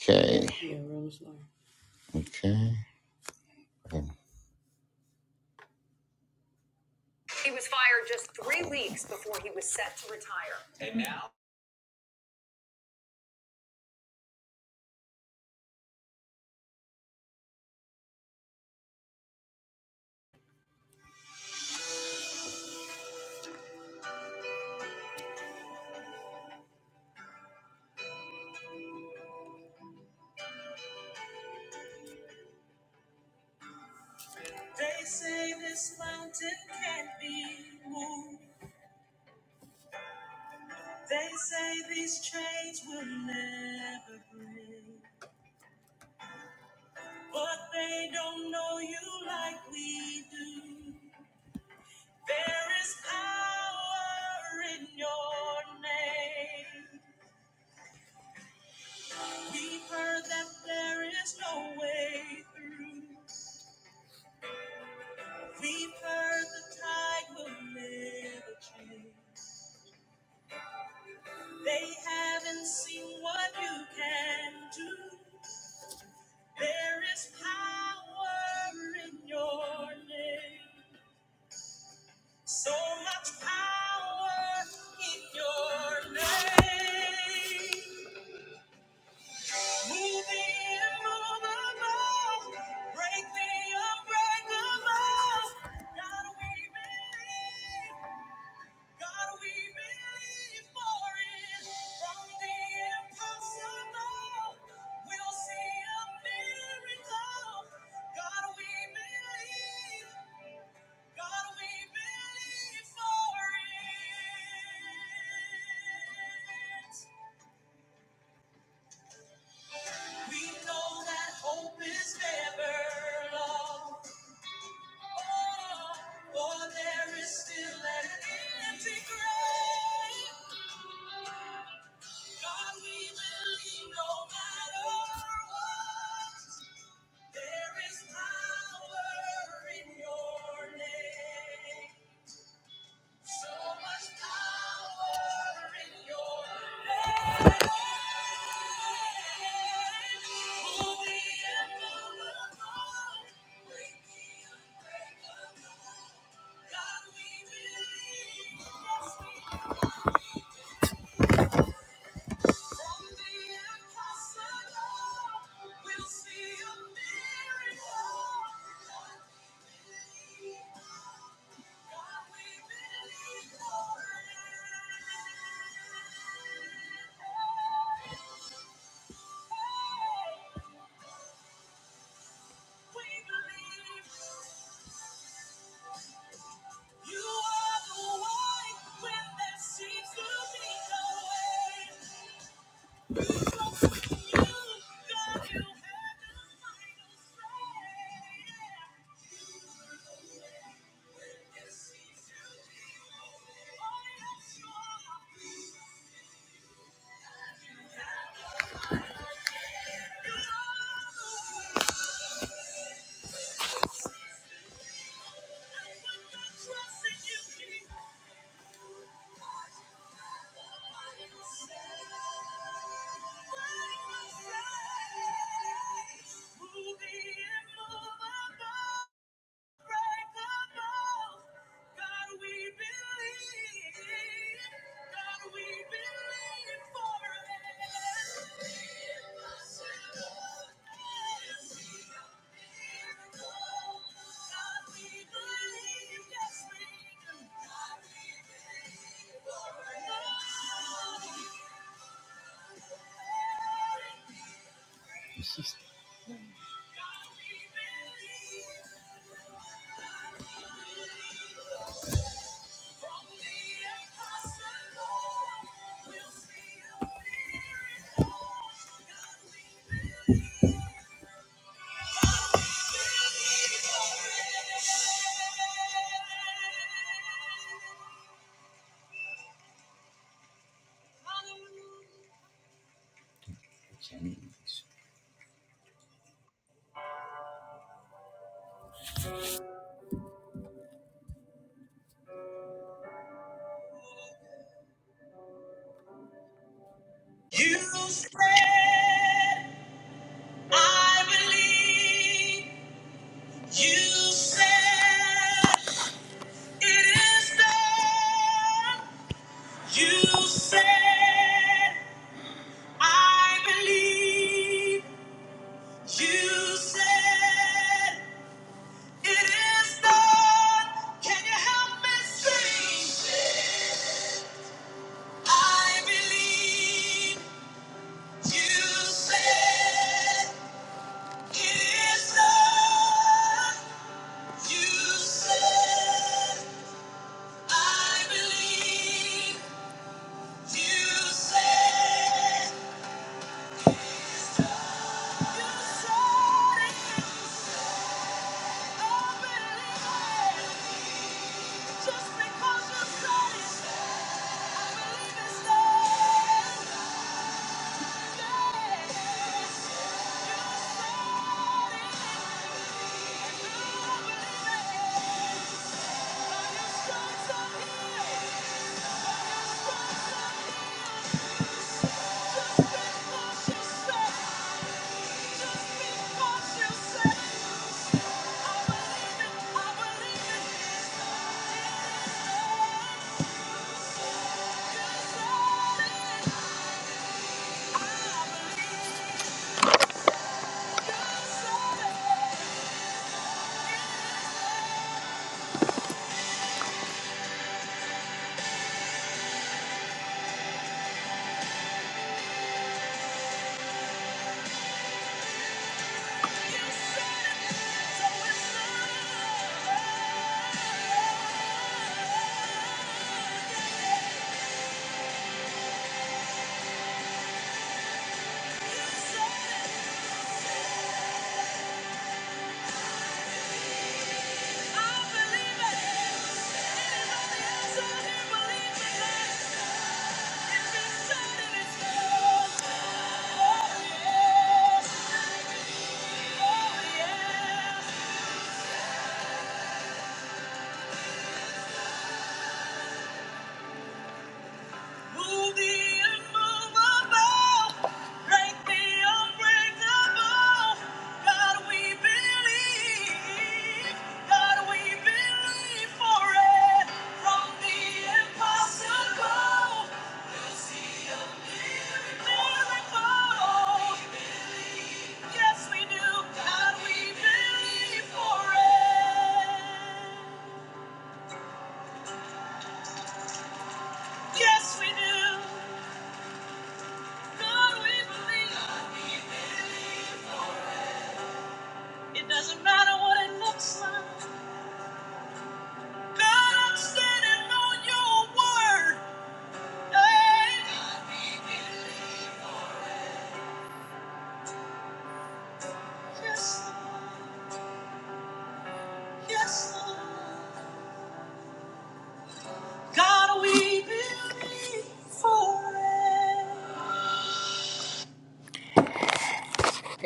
Okay. Okay.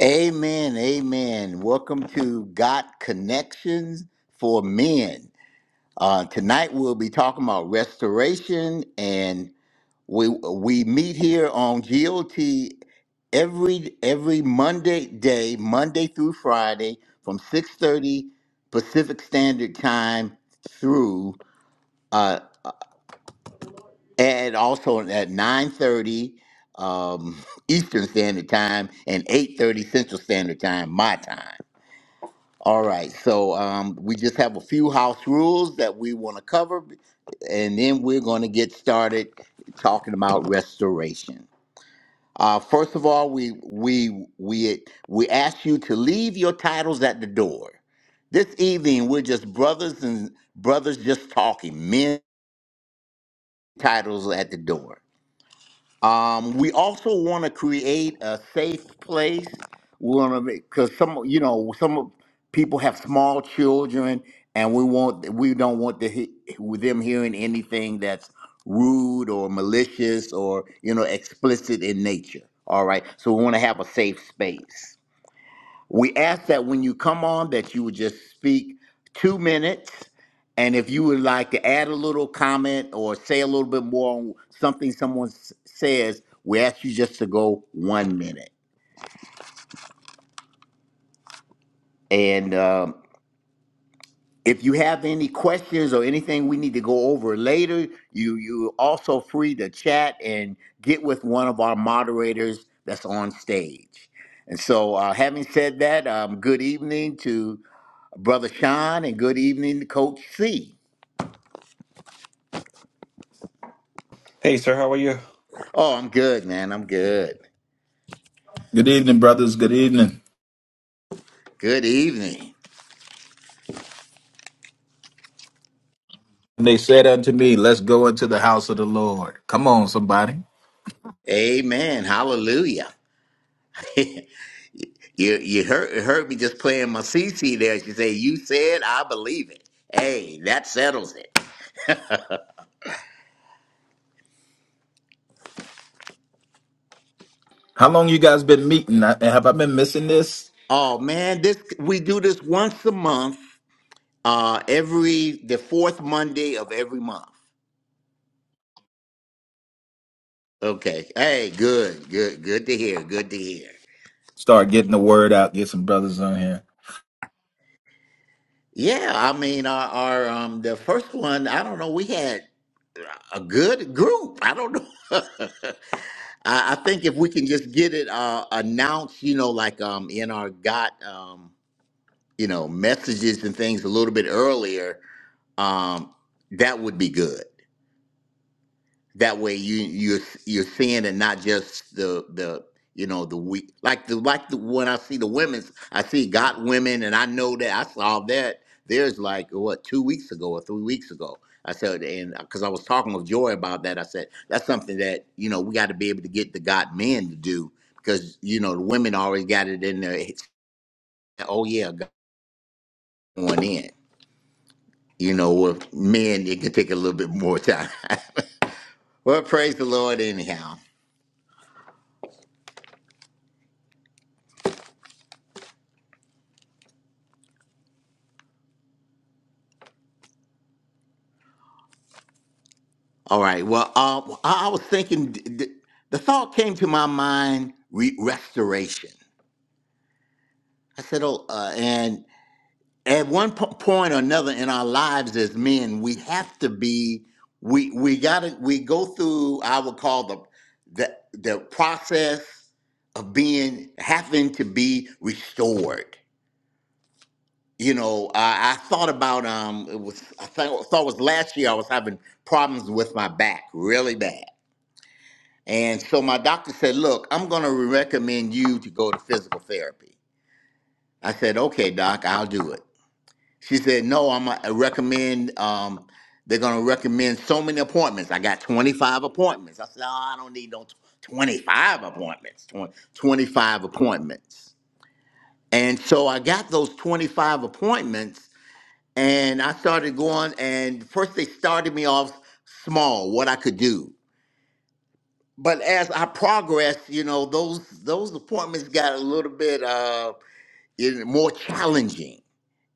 Amen. Amen. Welcome to Got Connections for Men. Uh, tonight we'll be talking about restoration, and we we meet here on GOT every every Monday day, Monday through Friday, from six thirty Pacific Standard Time through uh, and also at 9.30 um, eastern standard time and 8.30 central standard time my time all right so um, we just have a few house rules that we want to cover and then we're going to get started talking about restoration uh, first of all we we we we ask you to leave your titles at the door this evening we're just brothers and brothers just talking men titles at the door Um, we also want to create a safe place. We want to because some, you know, some people have small children, and we want we don't want to he- them hearing anything that's rude or malicious or you know explicit in nature. All right, so we want to have a safe space. We ask that when you come on, that you would just speak two minutes. And if you would like to add a little comment or say a little bit more on something someone s- says, we ask you just to go one minute. And um, if you have any questions or anything we need to go over later, you you also free to chat and get with one of our moderators that's on stage. And so, uh, having said that, um, good evening to Brother Sean, and good evening to Coach C. Hey, sir, how are you? Oh, I'm good, man. I'm good. Good evening, brothers. Good evening. Good evening. And they said unto me, Let's go into the house of the Lord. Come on, somebody. Amen. Hallelujah. you you heard heard me just playing my CC there. She said, "You said I believe it." Hey, that settles it. How long you guys been meeting? I- Have I been missing this? Oh man, this we do this once a month. Uh, every the fourth Monday of every month. Okay. Hey, good, good, good to hear. Good to hear. Start getting the word out. Get some brothers on here. Yeah, I mean, our, our um, the first one, I don't know, we had a good group. I don't know. I, I think if we can just get it uh, announced, you know, like um, in our got um, you know messages and things a little bit earlier, um, that would be good that way you you're you're seeing it not just the the you know the we like the like the when I see the women's I see got women and I know that I saw that there's like what two weeks ago or three weeks ago I said and because I was talking with Joy about that I said that's something that you know we got to be able to get the got men to do because you know the women always got it in their heads, oh yeah got going in you know with men it can take a little bit more time well praise the Lord anyhow All right. Well, uh, I, I was thinking, d- d- the thought came to my mind re- restoration. I said, oh, uh, and at one po- point or another in our lives as men, we have to be, we we got to, we go through, I would call the, the, the process of being, having to be restored. You know, I, I thought about, um, it was, I thought, thought it was last year I was having problems with my back really bad And so my doctor said, Look, I'm going to recommend you to go to physical therapy. I said, Okay, doc, I'll do it. She said, No, I'm going to recommend, um, they're going to recommend so many appointments. I got 25 appointments. I said, Oh, I don't need no tw- 25 appointments, twen- 25 appointments. And so I got those 25 appointments and I started going. And first, they started me off small, what I could do. but as I progressed, you know, those those appointments got a little bit uh you more challenging,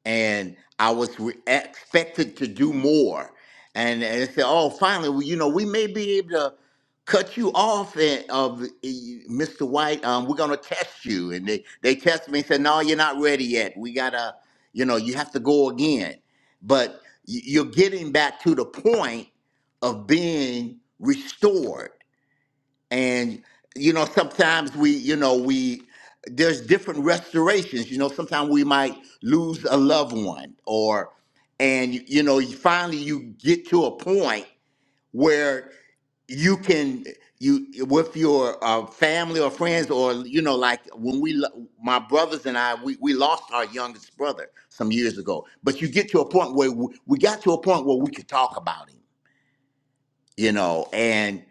and I was re- expected to do more. And, and they said, "Oh, finally, well, you know, we may be able to cut you off, and of Mr. White, um, we're gonna test you." And they they tested me and said, "No, you're not ready yet. We gotta, you know, you have to go again." But y- you're getting back to the point of being restored and you know sometimes we you know we there's different restorations you know sometimes we might lose a loved one or and you you know you- finally you get to a point where you can you with your uh, family or friends or you know like when we lo- my brothers and i we, we lost our youngest brother some years ago but you get to a point where we, we got to a point where we could talk about him you know and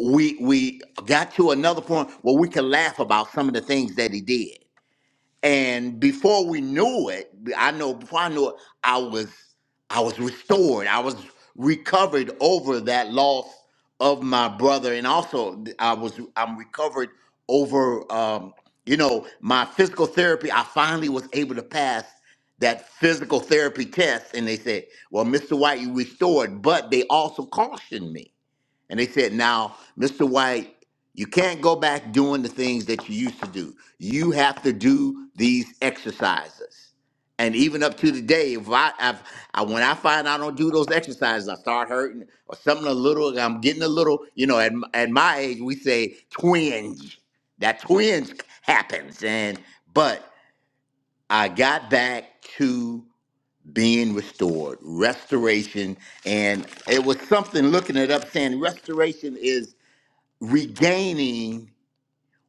we we got to another point where we could laugh about some of the things that he did and before we knew it i know before i knew it i was i was restored i was recovered over that loss of my brother and also i was i'm recovered over um you know my physical therapy i finally was able to pass that physical therapy test and they said well mr white you restored but they also cautioned me and they said, now, Mr. White, you can't go back doing the things that you used to do. You have to do these exercises. And even up to today, if I, if I when I find I don't do those exercises, I start hurting or something a little. I'm getting a little, you know. At m- at my age, we say twinge. That twinge happens, and but I got back to being restored, restoration, and it was something looking it up saying restoration is regaining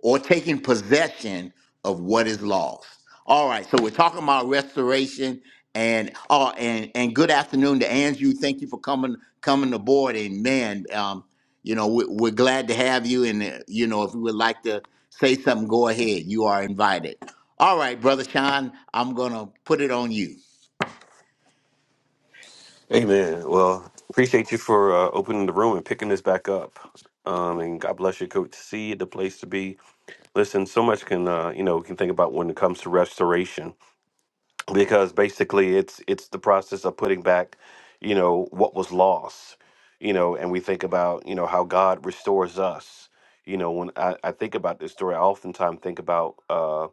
or taking possession of what is lost. All right, so we're talking about restoration and oh and and good afternoon to Andrew. Thank you for coming coming aboard and man, um, you know we, we're glad to have you and uh, you know if you would like to say something, go ahead. You are invited. All right, brother Sean, I'm gonna put it on you. Hey man, well, appreciate you for uh, opening the room and picking this back up. Um, and God bless you, Coach C, the place to be. Listen, so much can uh, you know we can think about when it comes to restoration because basically it's it's the process of putting back, you know, what was lost, you know, and we think about you know how God restores us. You know, when I, I think about this story, I oftentimes think about Uh,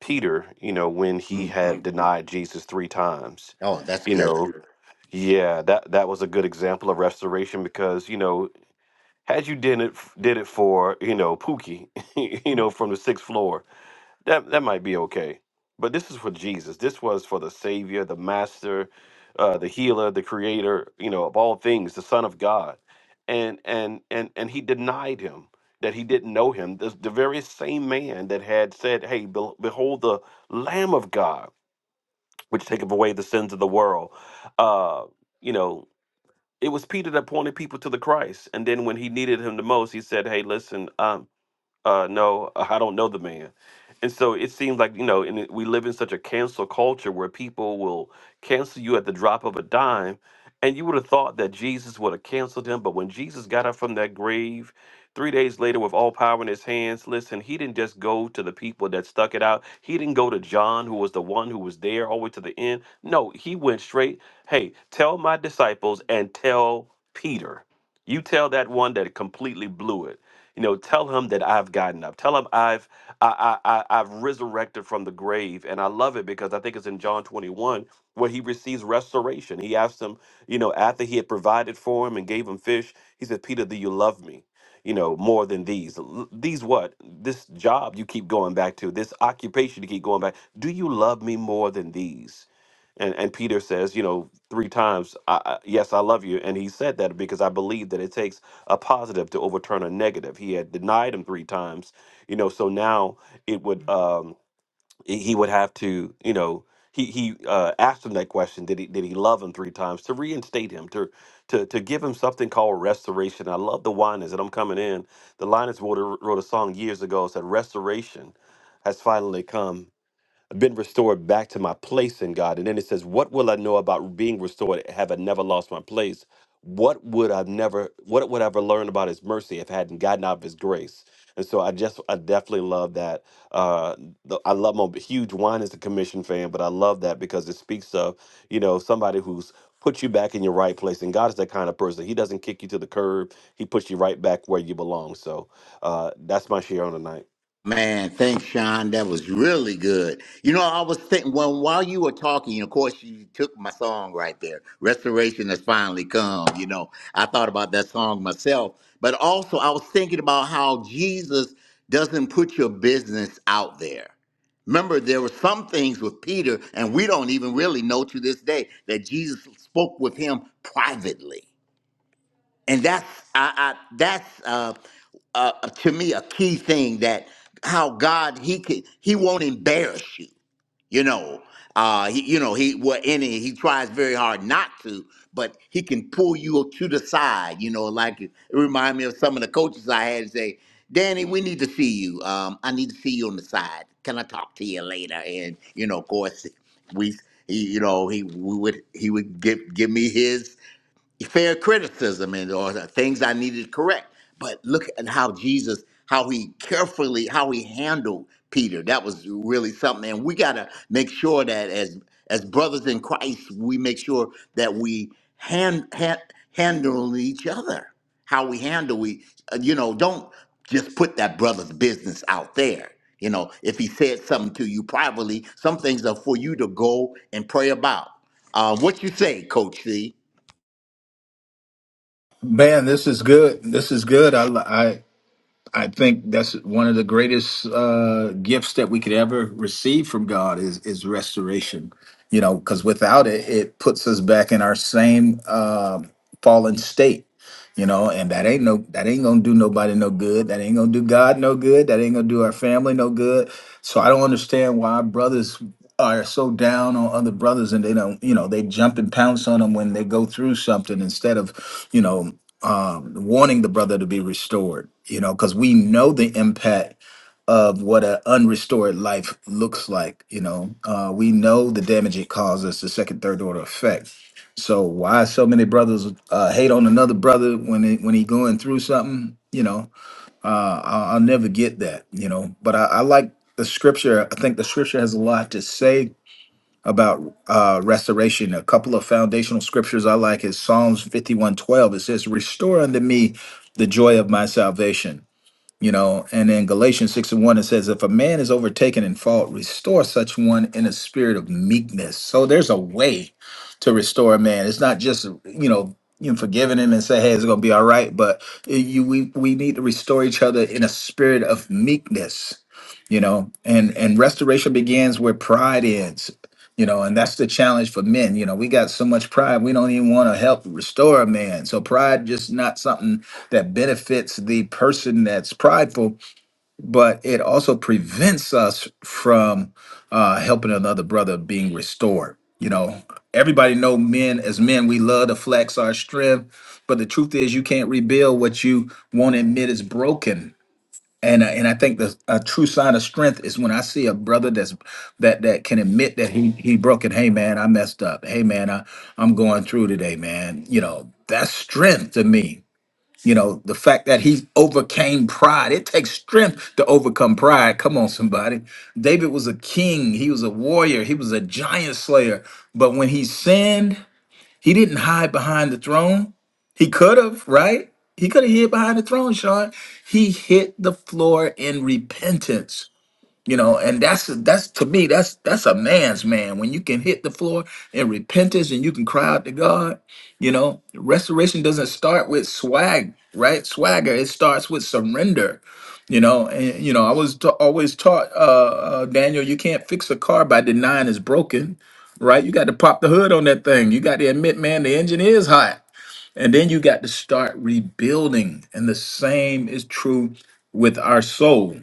Peter, you know, when he Mhm. had denied Jesus three times. Oh, that's You good. know, yeah, that that was a good example of restoration because, you know, had you did it did it for, you know, Pookie, you know, from the sixth floor, that that might be okay. But this is for Jesus. This was for the Savior, the Master, uh, the Healer, the Creator. You know, of all things, the Son of God, and and and and he denied him that he didn't know him. This, the very same man that had said, "Hey, be- behold the Lamb of God, which taketh away the sins of the world." Uh, you know. It was Peter that pointed people to the Christ, and then when he needed him the most, he said, "Hey, listen, um, uh, no, I don't know the man. And so it seems like, you know, and it- we live in such a cancel culture where people will cancel you at the drop of a dime. And you would have thought that Jesus would have canceled him. But when Jesus got up from that grave three days later with all power in his hands, listen, he didn't just go to the people that stuck it out. He didn't go to John, who was the one who was there all the way to the end. No, he went straight, hey, tell my disciples and tell Peter. You tell that one that completely blew it you know, tell him that I've gotten up. Tell him I've I, I, I I've resurrected from the grave. And I love it because I think it's in John 21 where he receives restoration. He asked him, you know, after he had provided for him and gave him fish, he said, Peter, do you love me? You know, more than these. L- These what? This job you keep going back to, this occupation you keep going back. Do you love me more than these? And, and Peter says, you know, three times, I, I- yes, I love you. And he said that because I believe that it takes a positive to overturn a negative. He had denied him three times, you know. So now it would um he he would have to you know he he uh, asked him that question did he did he love him three times to reinstate him to to to give him something called restoration. I love the Winans that I'm coming in. The Linus wrote a, wrote a song years ago It said restoration has finally come been restored back to my place in God. And then it says, What will I know about being restored have I never lost my place? What would I never what would I ever learn about his mercy if I hadn't gotten out of his grace? And so I just I definitely love that. Uh the, I love I'm a huge wine is a commission fan, but I love that because it speaks of, you know, somebody who's put you back in your right place. And God is that kind of person. He doesn't kick you to the curb. He puts you right back where you belong. So uh that's my share on the night. Man, thanks, Sean. That was really good. You know, I was thinking, well, while you were talking, of course, you took my song right there. Restoration has finally come. You know, I thought about that song myself, but also I was thinking about how Jesus doesn't put your business out there. Remember, there were some things with Peter, and we don't even really know to this day that Jesus spoke with him privately and that's I, I that's uh, uh, uh, to me a key thing that how God he can he won't embarrass you. You know, uh, he, you know he well in it he tries very hard not to, but he can pull you to the side. You know, like it remind me of some of the coaches I had say, Danny, we need to see you. Um, I need to see you on the side. Can I talk to you later? And you know, of course, we he, you know he we would he would give give me his fair criticism and or things I needed to correct. But look at how Jesus, how he carefully, how he handled Peter. That was really something. And we gotta make sure that as as brothers in Christ, we make sure that we hand, hand handle each other. How we handle we, uh, you know, don't just put that brother's business out there. You know, if he said something to you privately, some things are for you to go and pray about. Uh, what you say, Coach C? Man, this is good. This is good. I, li- I think that's one of the greatest uh, gifts that we could ever receive from God is is restoration. You know, because without it, it puts us back in our same um fallen state. You know, and that ain't no that ain't gonna do nobody no good. That ain't gonna do God no good. That ain't gonna do our family no good. So I don't understand why brothers are so down on other brothers and they don't you know they jump and pounce on them when they go through something instead of you know um, wanting the brother to be restored, you know, because we know the impact of what an unrestored life looks like, you know. Uh, we know the damage it causes, the second, third order effect. So why so many brothers uh, hate on another brother when he, when he going through something, you know? Uh, I'll, I'll never get that, you know. But I, I like the scripture. I think the scripture has a lot to say about uh, restoration. A couple of foundational scriptures I like is Psalms 51:12. It says, Restore unto me the joy of my salvation you know and then galatians 6 and 1 it says if a man is overtaken in fault restore such one in a spirit of meekness so there's a way to restore a man it's not just you know you know, forgiving him and say hey it's gonna be all right but you we we need to restore each other in a spirit of meekness you know and and restoration begins where pride ends you know and that's the challenge for men you know we got so much pride we don't even want to help restore a man so pride just not something that benefits the person that's prideful, but it also prevents us from uh, helping another brother being restored. You know, everybody know men as men, we love to flex our strength, but the truth is you can't rebuild what you won't admit is broken. And, uh, and I think the a true sign of strength is when I see a brother that's that that can admit that he he broken. Hey man, I messed up. Hey man, I I'm going through today, man. You know that's strength to me you know, the fact that he overcame pride, it takes strength to overcome pride. Come on, somebody. David was a king, he was a warrior, he was a giant slayer. But when he sinned, he didn't hide behind the throne. He could have, right? He could have hid behind the throne, Sean. He hit the floor in repentance. You know, and that's that's to me that's that's a man's man when you can hit the floor in repentance and you can cry out to God. You know, restoration doesn't start with swag, right? Swagger it starts with surrender. You know, and you know I was ta- always taught, uh, uh, Daniel, you can't fix a car by denying it's broken, right? You got to pop the hood on that thing. You got to admit, man, the engine is hot, and then you got to start rebuilding. And the same is true with our soul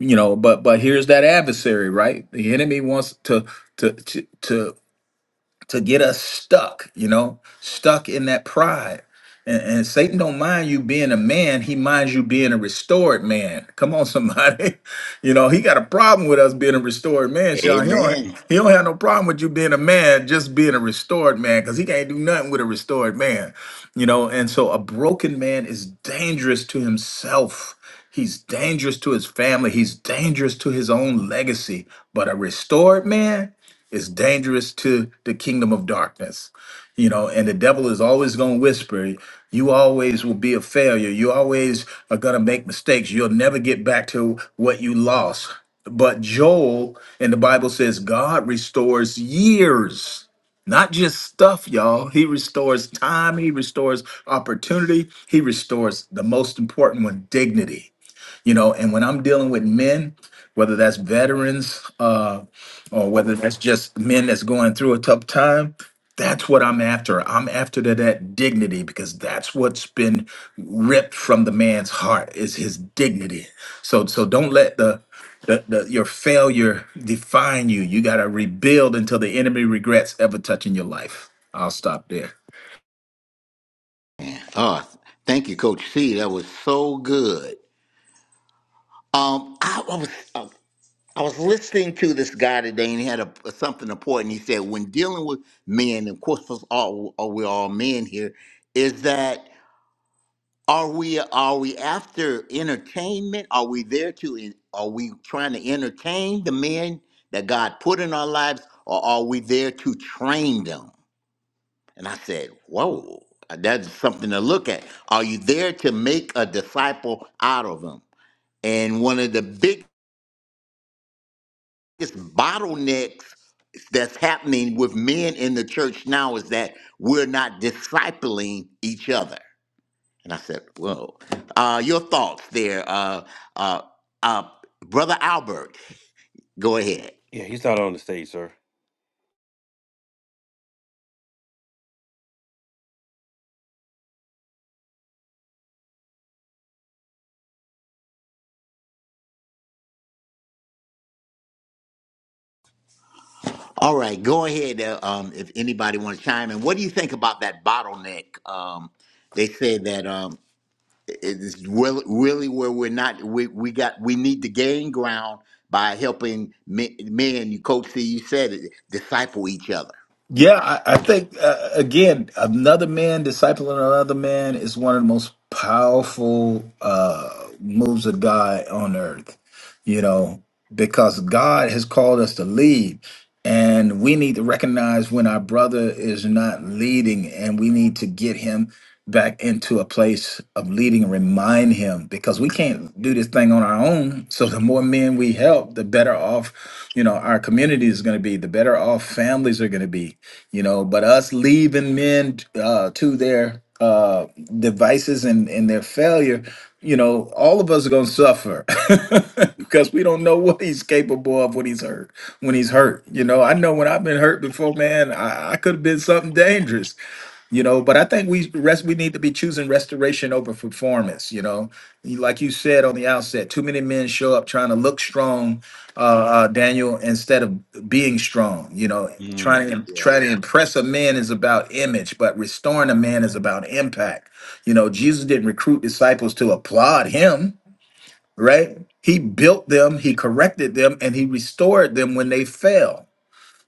you know but but here's that adversary right the enemy wants to to to, to to get us stuck, you know, stuck in that pride. And, and Satan don't mind you being a man, he minds you being a restored man. Come on, somebody. You know, he got a problem with us being a restored man, Sean. He don't, Amen. he don't have no problem with you being a man, just being a restored man, because he can't do nothing with a restored man. You know, and so a broken man is dangerous to himself. He's dangerous to his family. He's dangerous to his own legacy. But a restored man, it's dangerous to the kingdom of darkness, you know, and the devil is always going to whisper, you always will be a failure. You always are going to make mistakes. You'll never get back to what you lost. But Joel in the Bible says God restores years, not just stuff, y'all. He restores time, He restores opportunity, He restores the most important one, dignity you know and when i'm dealing with men whether that's veterans uh, or whether that's just men that's going through a tough time that's what i'm after i'm after that, that dignity because that's what's been ripped from the man's heart is his dignity so so don't let the the, the, your failure define you. You got to rebuild until the enemy regrets ever touching your life. I'll stop there. Oh, thank you, Coach C. That was so good. Um, I, I was uh, I was listening to this guy today, and he had a, something important. He said, when dealing with men, of course, us all are we all men here? Is that are we are we after entertainment? Are we there to? en- Are we trying to entertain the men that God put in our lives, or are we there to train them? And I said, Whoa, that's something to look at. Are you there to make a disciple out of them? And one of the biggest bottlenecks that's happening with men in the church now is that we're not discipling each other. And I said, Whoa. Uh, your thoughts there, uh, uh, uh, Brother Albert, go ahead. Yeah, he's not on the stage, sir. All right, go ahead. Uh, um, if anybody wants to chime in, what do you think about that bottleneck? Um, they say that. Um, it's really, really where we're not we, we got we need to gain ground by helping men, men you coach C, you said it disciple each other Yeah, I, I think uh, again, another man discipling another man is one of the most powerful uh, moves of God on earth you know, because God has called us to lead. And we need to recognize when our brother is not leading, and we need to get him back into a place of leading and remind him because we can't do this thing on our own. So, the more men we help, the better off, you know, our community is going to be, the better off families are going to be, you know. But us leaving men uh, to their uh, devices and, and their failure, you know, all of us are going to suffer because we don't know what he's capable of when he's hurt. When he's hurt, you know, I know when I've been hurt before, man, I, I could have been something dangerous you know but i think we rest we need to be choosing restoration over performance you know You- like you said on the outset too many men show up trying to look strong uh, uh daniel instead of being strong you know Mm. trying to yeah trying to impress a man is about image but restoring a man is about impact you know jesus didn't recruit disciples to applaud him right he built them he corrected them and he restored them when they fell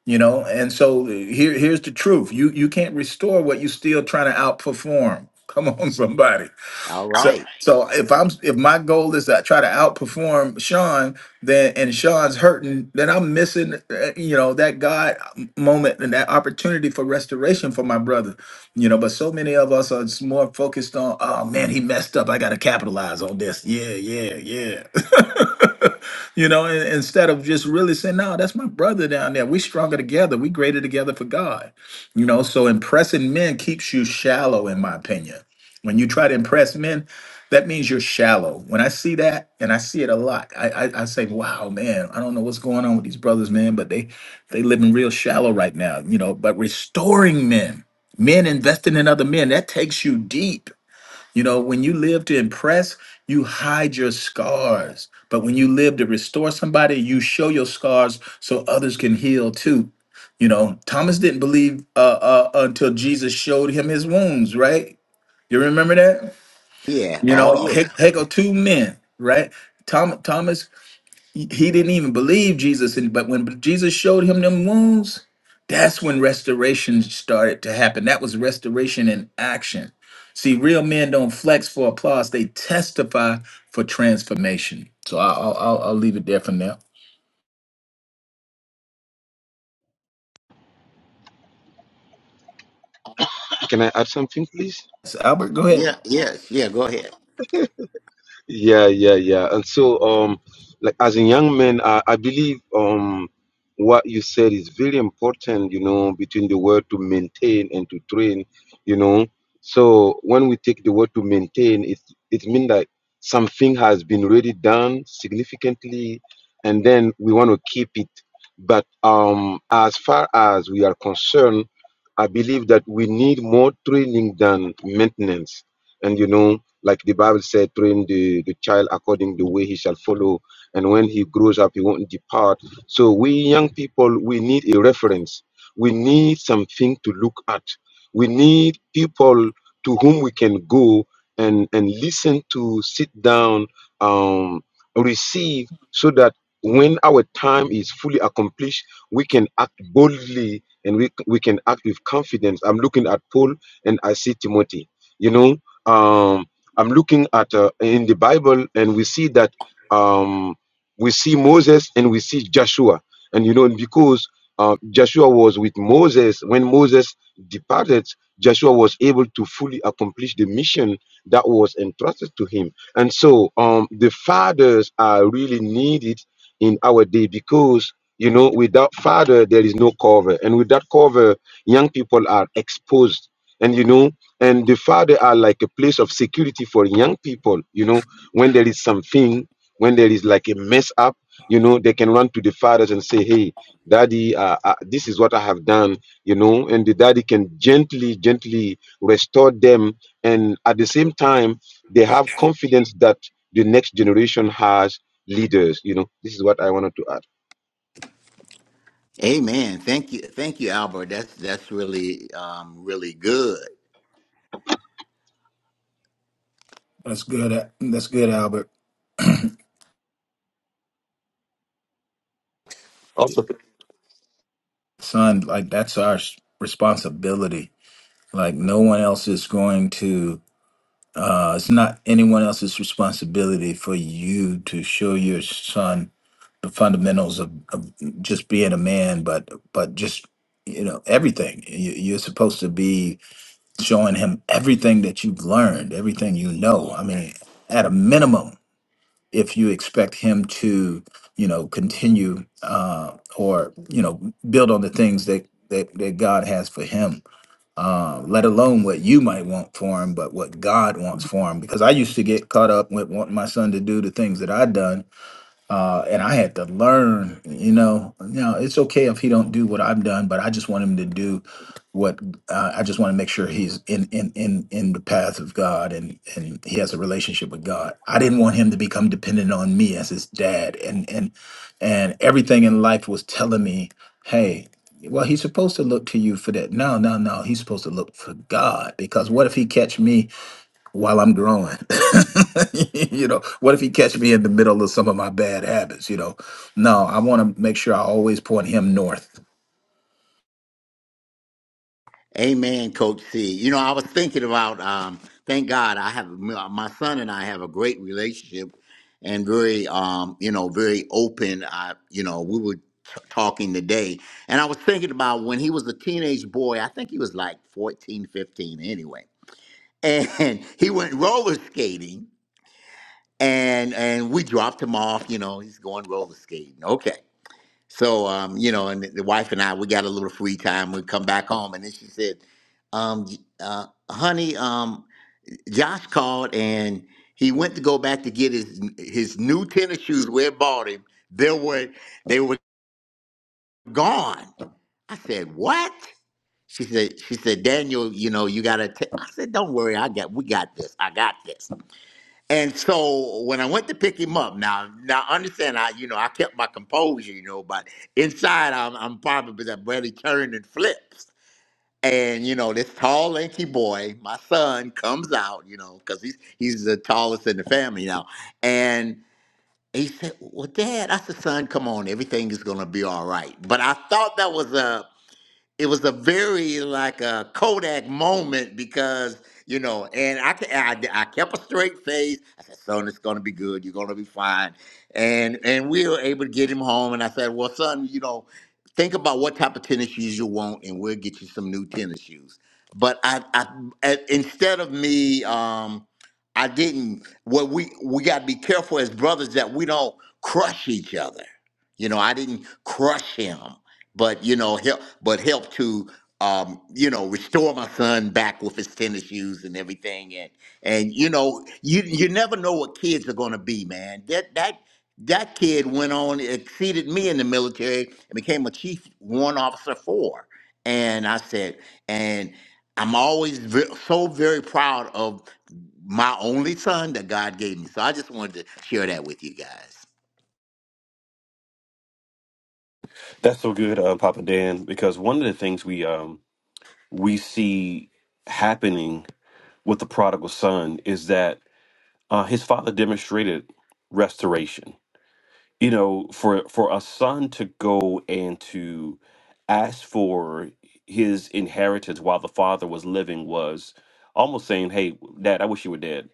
you know and so here here's the truth you you can't restore what you're still trying to outperform come on somebody all so Alright. right so if i'm if my goal is to try to outperform sean then and sean's hurting then i'm missing uh, you know that god moment and that opportunity for restoration for my brother you know but so many of us are just more focused on oh man he messed up i gotta capitalize on this yeah yeah yeah you know, in- instead of just really saying, no, that's my brother down there. We stronger together. We greater together for God. You know, so impressing men keeps you shallow, in my opinion. When you try to impress men, that means you're shallow. When I see that, and I see it a lot, I, I, I say, wow, man, I don't know what's going on with these brothers, man, but they they living real shallow right now, you know. But restoring men, men investing in other men, that takes you deep you know, when you live to impress, you hide your scars. But when you live to restore somebody, you show your scars so others can heal too. You know, Thomas didn't believe uh, uh, until Jesus showed him his wounds, right? You remember that? yeah You oh know, yeah he here go two men, right? Tom, Thomas he he didn't even believe Jesus, and but when Jesus showed him them wounds, that's when restoration started to happen. That was restoration in action. See, real men don't flex for applause; they testify for transformation. So I- I'll I'll, I'll leave it there for now. Can I add something, please? So Albert, go ahead. yeah yes yeah go ahead Yeah, yeah, yeah. And so, um, like as a young man, I, I believe um, what you said is very important. You know, between the word to maintain and to train. You know, so when we take the word to maintain, it it means that something has been already done significantly, and then we want to keep it. But um, as far as we are concerned, I believe that we need more training than maintenance. And you know, Like the Bible said, train the, the child according the way he shall follow. And when he grows up, he won't depart. So we young people, we need a reference. We need something to look at. We need people to whom we can go and, and listen to, sit down, um, receive, so that when our time is fully accomplished, we can act boldly and we, we can act with confidence. I'm looking at Paul and I see Timothy. You know, um. I'm looking at uh, in the Bible, and we see that um, we see Moses and we see Joshua, and you know because uh, Joshua was with Moses when Moses departed, Joshua was able to fully accomplish the mission that was entrusted to him, and so um, the fathers are really needed in our day because you know without father there is no cover, and without cover, young people are exposed, and you know and the father are like a place of security for young people you know when there is something when there is like a mess up you know they can run to the fathers and say hey daddy uh, uh, this is what i have done you know and the daddy can gently gently restore them and at the same time they have confidence that the next generation has leaders you know this is what i wanted to add amen thank you thank you albert that's that's really um really good That's good. Al- That's good, Albert. Son, like that's our s- responsibility. Like no one else is going to. Uh, it's not anyone else's responsibility for you to show your son the fundamentals of, of just being a man, but but just you know everything. You, you're supposed to be showing him everything that you've learned, everything you know. I mean, at a minimum, if you expect him to, you know, continue uh, or you know build on the things that that, that God has for him uh, let alone what you might want for him, but what God wants for him. Because I used to get caught up with wanting my son to do the things that I'd done uh, and I had to learn. You know, Now it's okay if he don't do what I've done, but I just want him to do what uh, I just want to make sure he's in in in in the path of God and and he has a relationship with God. I didn't want him to become dependent on me as his dad, and and and everything in life was telling me, hey. Well, he's supposed to look to you for that. No, no, no. He's supposed to look for God because what if he catch me while I'm growing. you know, what if he catch me in the middle of some of my bad habits? You know, no, I want to make sure I always point him north. Amen, Coach C. You know, I was thinking about. Um, thank God, I have my son and I have a great relationship, and very, um, you know, very open. I, you know, we were t- talking today, and I was thinking about when he was a teenage boy. I think he was like 14, 15, anyway, and he went roller skating, and and we dropped him off. You know, he's going roller skating. Okay, so, um, you know, and the wife and I, we got a little free time. We come back home, and then she said, um, J- uh, "Honey, um, Josh called, and he went to go back to get his his new tennis shoes. We had bought him. They were they were gone." I said, "What?" She said, "She said, Daniel, you know, you gotta." ta-" I said, "Don't worry, I got we got this. I got this." And so when I went to pick him up, now now understand I you know I kept my composure, you know, but inside I'm I'm probably that Brady turned and flips. And you know this tall lanky boy, my son, comes out, you know, because he's he's the tallest in the family now. And he said, "Well, Dad," I said, "Son, come on, everything is gonna be all right." But I thought that was a it was a very like a Kodak moment because you know, and I ke- I, I kept a straight face. I said, "Son, it's gonna be good. You're gonna be fine." And and we were able to get him home. And I said, "Well, son, you know, think about what type of tennis shoes you want, and we'll get you some new tennis shoes." But I, I a- instead of me, um, I didn't. What we we got to be careful as brothers that we don't crush each other. You know, I didn't crush him but you know help but help to um you know restore my son back with his tennis shoes and everything and and you know you you never know what kids are going to be man that that that kid went on exceeded me in the military and became a chief warrant officer four and i said and i'm always ve- so very proud of my only son that god gave me so i just wanted to share that with you guys That's so good, uh, Papa Dan, because one of the things we um we see happening with the prodigal son is that uh, his father demonstrated restoration. You know, for for a son to go and to ask for his inheritance while the father was living was almost saying, "Hey, Dad, I wish you were dead."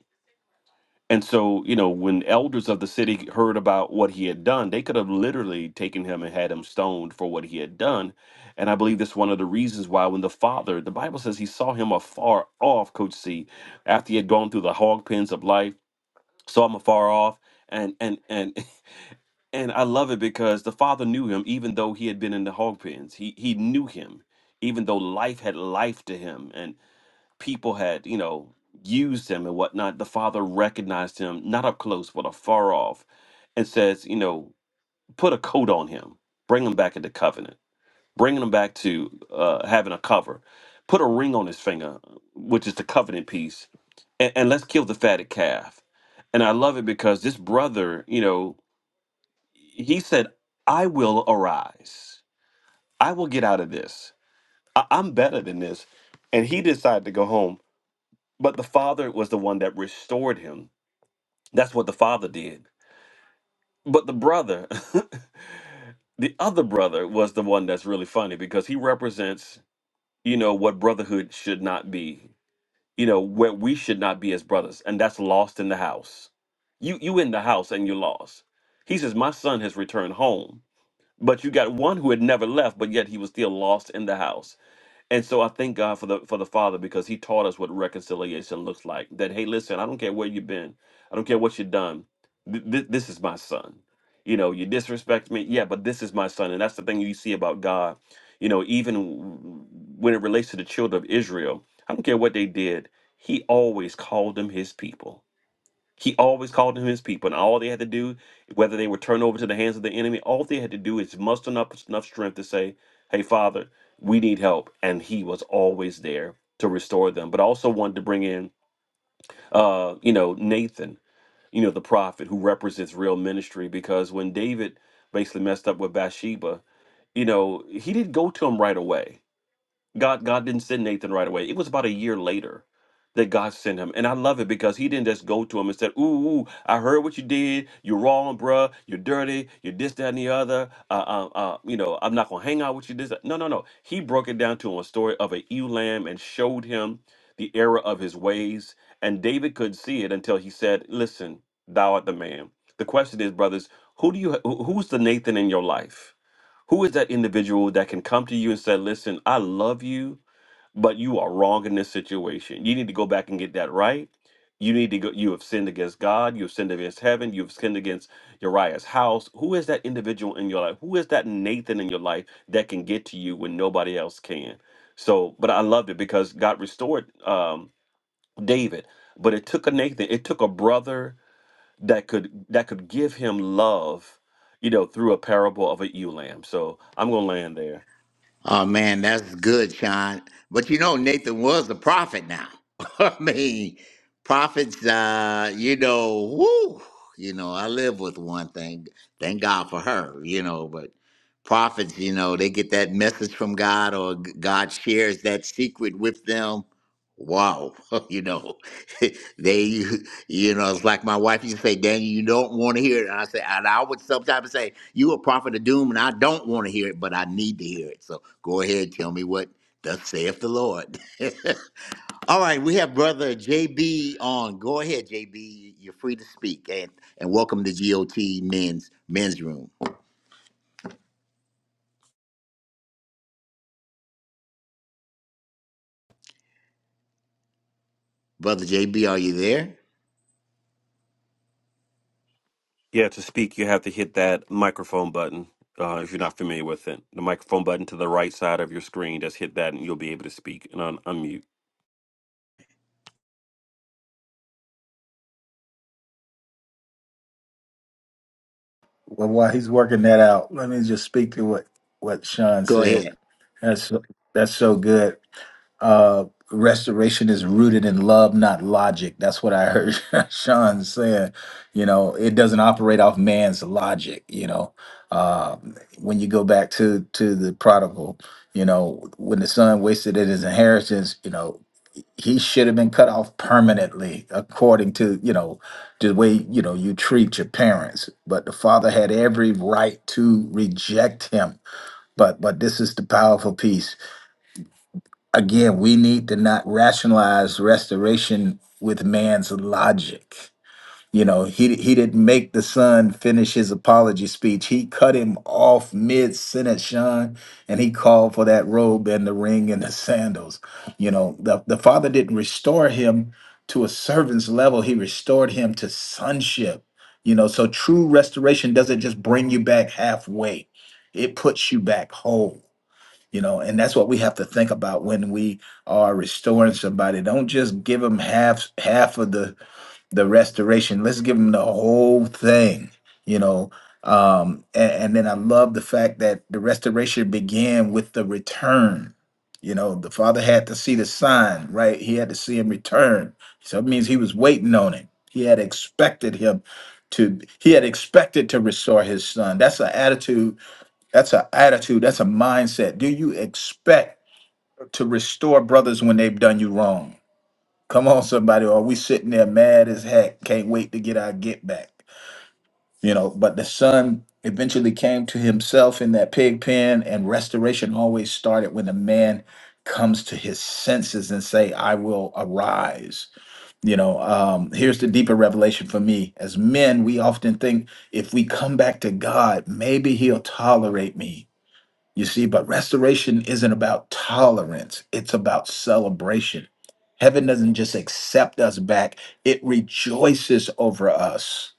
And so, you know, when elders of the city heard about what he had done, they could have literally taken him and had him stoned for what he had done. And I believe that's one of the reasons why, when the father, the Bible says he saw him afar off, Coach C, after he had gone through the hog pens of life, saw him afar off. And, and and and I love it because the father knew him even though he had been in the hog pens. He he knew him, even though life had life to him people had, you know, used him and whatnot, the father recognized him, not up close, but afar off, and says, you know, put a coat on him, bring him back into covenant, bringing him back to uh, having a cover, put a ring on his finger, which is the covenant piece, and, and let's kill the fatted calf. And I love it because this brother, you know, he said, I will arise. I will get out of this. I- I'm better than this. And he decided to go home But the father was the one that restored him. That's what the father did. But the brother, the other brother, was the one that's really funny because he represents, you know, what brotherhood should not be. You know, what we should not be as brothers, and that's lost in the house. You you in the house and you're lost. He says, My son has returned home. But you got one who had never left, but yet he was still lost in the house and so I thank God for the for the Father because He taught us what reconciliation looks like. That hey, listen, I don't care where you've been, I don't care what you've done. Th- th- this is my son. You know, you disrespect me, yeah, but this is my son, and that's the thing you see about God. You know, even w- when it relates to the children of Israel, I don't care what they did, He always called them His people he always called them his people, and all they had to do, whether they were turned over to the hands of the enemy, all they had to do is muster up enough strength to say, Hey, Father, we need help. And he was always there to restore them, but I also wanted to bring in, uh, you know, Nathan, you know, the prophet who represents real ministry, because when David basically messed up with Bathsheba, you know, he didn't go to him right away God God didn't send Nathan right away. It was about a year later that God sent him. And I love it because he didn't just go to him and said, ooh, ooh, I heard what you did. You're wrong, bruh. You're dirty. You're this, that, and the other. Uh, uh, uh, you know, I'm not going to hang out with you. This, that." No, no, no. He broke it down to him a story of a ewe lamb and showed him the error of his ways. And David could see it until he said, listen, thou art the man. The question is, brothers, who do you, who- who's the Nathan in your life? Who is that individual that can come to you and say, Listen, I love you, but you are wrong in this situation. You need to go back and get that right. You need to go, you have sinned against God, you have sinned against heaven, you have sinned against Uriah's house. Who is that individual in your life? Who is that Nathan in your life that can get to you when nobody else can? So, but I loved it because God restored um, David, but it took a Nathan, it took a brother that could that could give him love, you know, through a parable of a ewe lamb. So I'm gonna land there. Oh man, that's good, Sean. But you know, Nathan was a prophet now. I mean, prophets, uh, you know, whoo, you know, I live with one thing. Thank God for her, you know, but prophets, you know, they get that message from God or g- God shares that secret with them. Wow, you know. they, you know, it's like my wife used to say, Daniel, you don't want to hear it. And I say, and I would sometimes say, you a prophet of doom, and I don't want to hear it, but I need to hear it. So go ahead, tell me what thus saith the Lord. All right, we have brother JB on. Go ahead, JB. You're free to speak, and and welcome to GOT Men's Men's Room. Brother JB, are you there? Yeah, to speak, you have to hit that microphone button. Uh, if you're not familiar with it, the microphone button to the right side of your screen, just hit that, and you'll be able to speak and un- unmute. Well, while he's working that out, let me just speak to what what Sean Go said. ahead. That's that's so good. Uh, restoration is rooted in love, not logic. That's what I heard Sean saying. You know, it doesn't operate off man's logic. You know, uh, when you go back to to the prodigal, you know, when the son wasted in his inheritance, you know, he should have been cut off permanently, according to you know the way you know you treat your parents. But the father had every right to reject him. But but this is the powerful piece. Again, we need to not rationalize restoration with man's logic. You know, he he didn't make the son finish his apology speech. He cut him off mid sentence, Sean, and he called for that robe and the ring and the sandals. You know, the, the father didn't restore him to a servant's level. He restored him to sonship. You know, so true restoration doesn't just bring you back halfway; it puts you back whole you know and that's what we have to think about when we are restoring somebody don't just give them half half of the the restoration let's give them the whole thing you know um and, and then i love the fact that the restoration began with the return you know the father had to see the sign right he had to see him return so it means he was waiting on him he had expected him to he had expected to restore his son that's an attitude that's an attitude. That's a mindset. Do you expect to restore brothers when they've done you wrong? Come on, somebody. Or we sitting there mad as heck? Can't wait to get our get back. You know, but the son eventually came to himself in that pig pen, and restoration always started when the man comes to his senses and say, I will arise. You know, um, here's the deeper revelation for me. As men, we often think if we come back to God, maybe he'll tolerate me you see, but restoration isn't about tolerance, it's about celebration. Heaven doesn't just accept us back, it rejoices over us.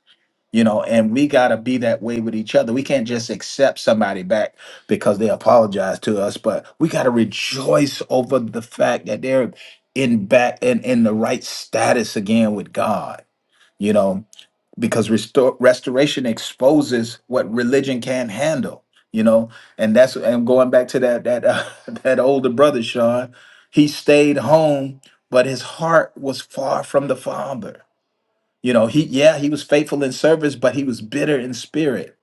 You know, and we got to be that way with each other. We can't just accept somebody back because they apologize to us, but we got to rejoice over the fact that they're in back and in in the right status again with God. You know, because restore, restoration exposes what religion can't handle you know and that's and going back to that that uh, that older brother sean he stayed home but his heart was far from the father you know he yeah he was faithful in service but he was bitter in spirit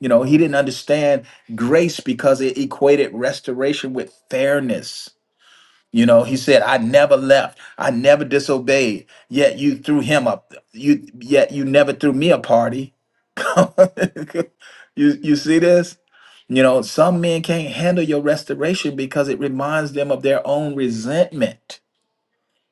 you know he didn't understand grace because it equated restoration with fairness you know, he said, I never left, I never disobeyed. Yet you threw him up. You yet you never threw me a party. you you see this? You know, some men can't handle your restoration because it reminds them of their own resentment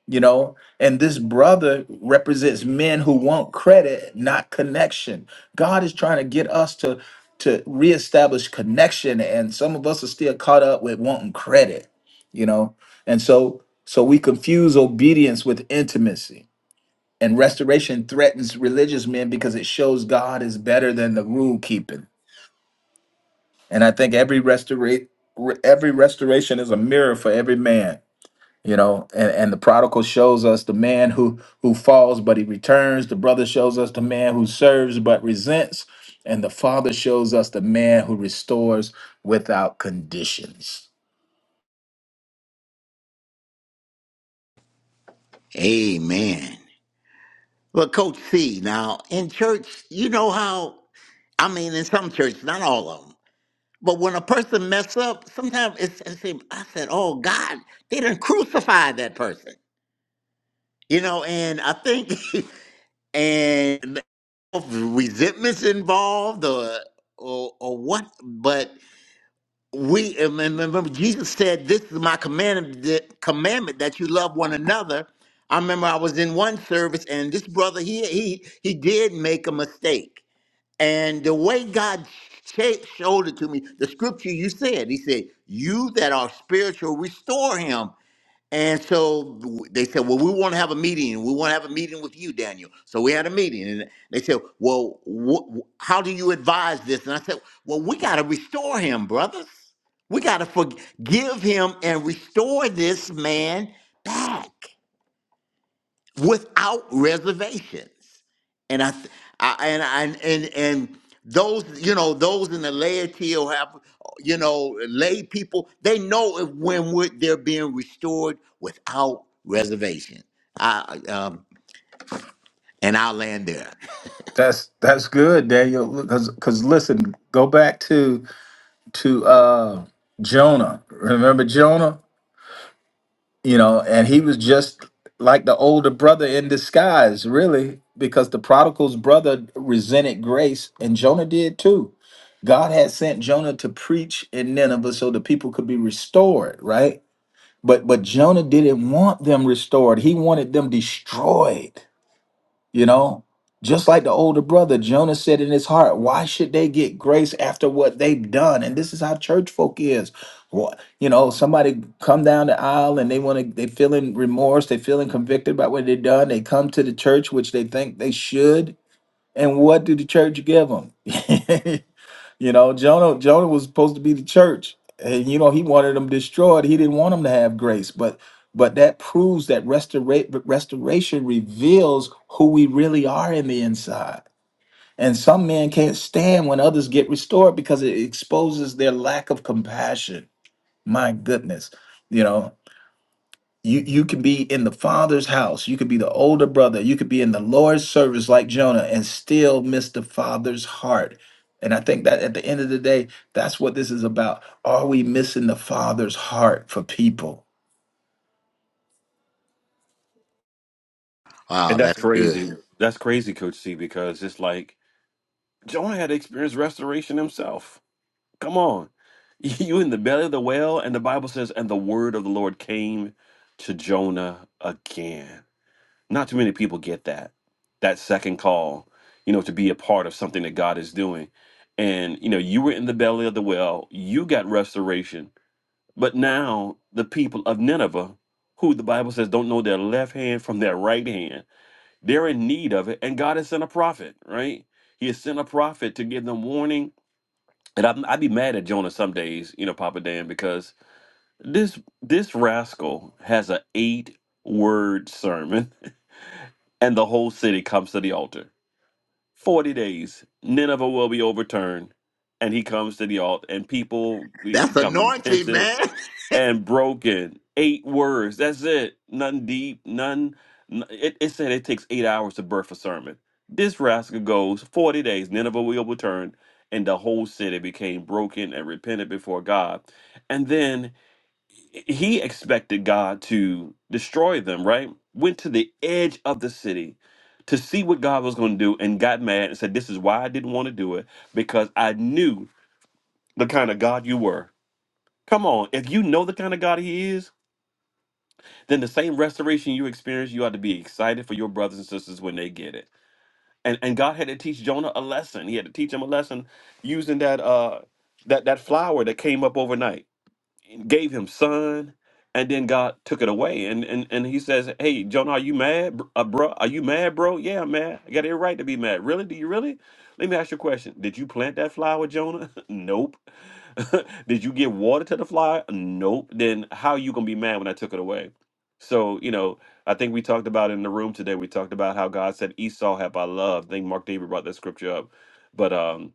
you know and this brother represents men who want credit not connection god is trying to get us to to reestablish connection and some of us are still caught up with wanting credit you know and so so we confuse obedience with intimacy and restoration threatens religious men because it shows god is better than the rule keeping and i think every restora- re- every restoration is a mirror for every man you know and, and the prodigal shows us the man who who falls but he returns the brother shows us the man who serves but resents and the father shows us the man who restores without conditions Amen. Well, Coach C, now in church, you know how. I mean, in some churches, not all of them. But when a person mess up, sometimes it's, it seem I said, "Oh God, they didn't crucify that person," you know. And I think, and resentments involved, or or, or what? But we and and remember Jesus said, "This is my commandment that, commandment that you love one another." I remember I was in one service, and this brother he he he did make a mistake And the way God sh- showed it to me, the scripture you said, He said, You that are spiritual, restore him. And so they said, Well, we want to have a meeting. We want to have a meeting with you, Daniel. So we had a meeting. And they said, Well, wh- wh- how do you advise this? And I said, Well, we got to restore him, brothers. We got to forgive him and restore this man back without reservations. And I, th- I and I and and those you know those in the laity or have you know lay people they know if, when we're, they're being restored without reservation. I um and I'll land there. that's that's good daniel because listen go back to to uh jonah remember jonah you know, and he was just like the older brother in disguise, really, because the prodigal's brother resented grace, and Jonah did too. God had sent Jonah to preach in Nineveh so the people could be restored, right? But but Jonah didn't want them restored. He wanted them destroyed. You know, just like the older brother, Jonah said in his heart, Why should they get grace after what they've done? And this is how church folk is. Wha- You know, somebody come down the aisle and they want to, they feeling remorse, they feeling convicted about what they've done. They come to the church, which they think they should. And what do the church give them? You know, Jonah Jonah was supposed to be the church, and you know he wanted them destroyed. He didn't want them to have grace, but but that proves that restora- restoration reveals who we really are in the inside. And some men can't stand when others get restored because it exposes their lack of compassion. My goodness, you know. You you could be in the father's house. You could be the older brother. You could be in the Lord's service like Jonah and still miss the father's heart. And I think that at the end of the day, that's what this is about. Are we missing the father's heart for people? Wow, And that's that's good. crazy. That's crazy, Coach C, because it's like Jonah had experienced restoration himself. Come on, you in the belly of the whale, and the Bible says, and the word of the Lord came to Jonah again Not too many people get that, that second call, you know, to be a part of something that God is doing. And, you know, you were in the belly of the well, you got restoration. But now the people of Nineveh, who the Bible says don't know their left hand from their right hand, they're in need of it. And God has sent a prophet, right? He has sent a prophet to give them warning. And I'd, I'd be mad at Jonah some days, you know, Papa Dan, because this this rascal has an eight word sermon and the whole city comes to the altar. 40 days, Nineveh will be overturned, and he comes to the altar, and people That's become anointing, repentant man. and broken. Eight words, that's it. Nothing deep, none. n- It, it said it takes eight hours to birth a sermon. This rascal goes 40 days, Nineveh will be overturned, and the whole city became broken and repented before God. And then he expected God to destroy them, right? Went to the edge of the city to see what God was going to do and got mad and said, This is why I didn't want to do it because I knew the kind of God you were. Come on, if you know the kind of God He is, then the same restoration you experience, you ought to be excited for your brothers and sisters when they get it. And and God had to teach Jonah a lesson. He had to teach him a lesson using that uh that that flower that came up overnight gave him son, and then God took it away. And and and he says, "Hey, Jonah, are you mad, br- uh, bro? Are you mad, bro? Yeah, I'm mad. I got every right to be mad. Really? Do you really? Let me ask you a question. Did you plant that flower, Jonah? nope. Did you give water to the flower? Nope. Then how are you gonna be mad when I took it away? So you know, I think we talked about in the room today. We talked about how God said, "Esau have I loved." I think Mark David brought that scripture up, but um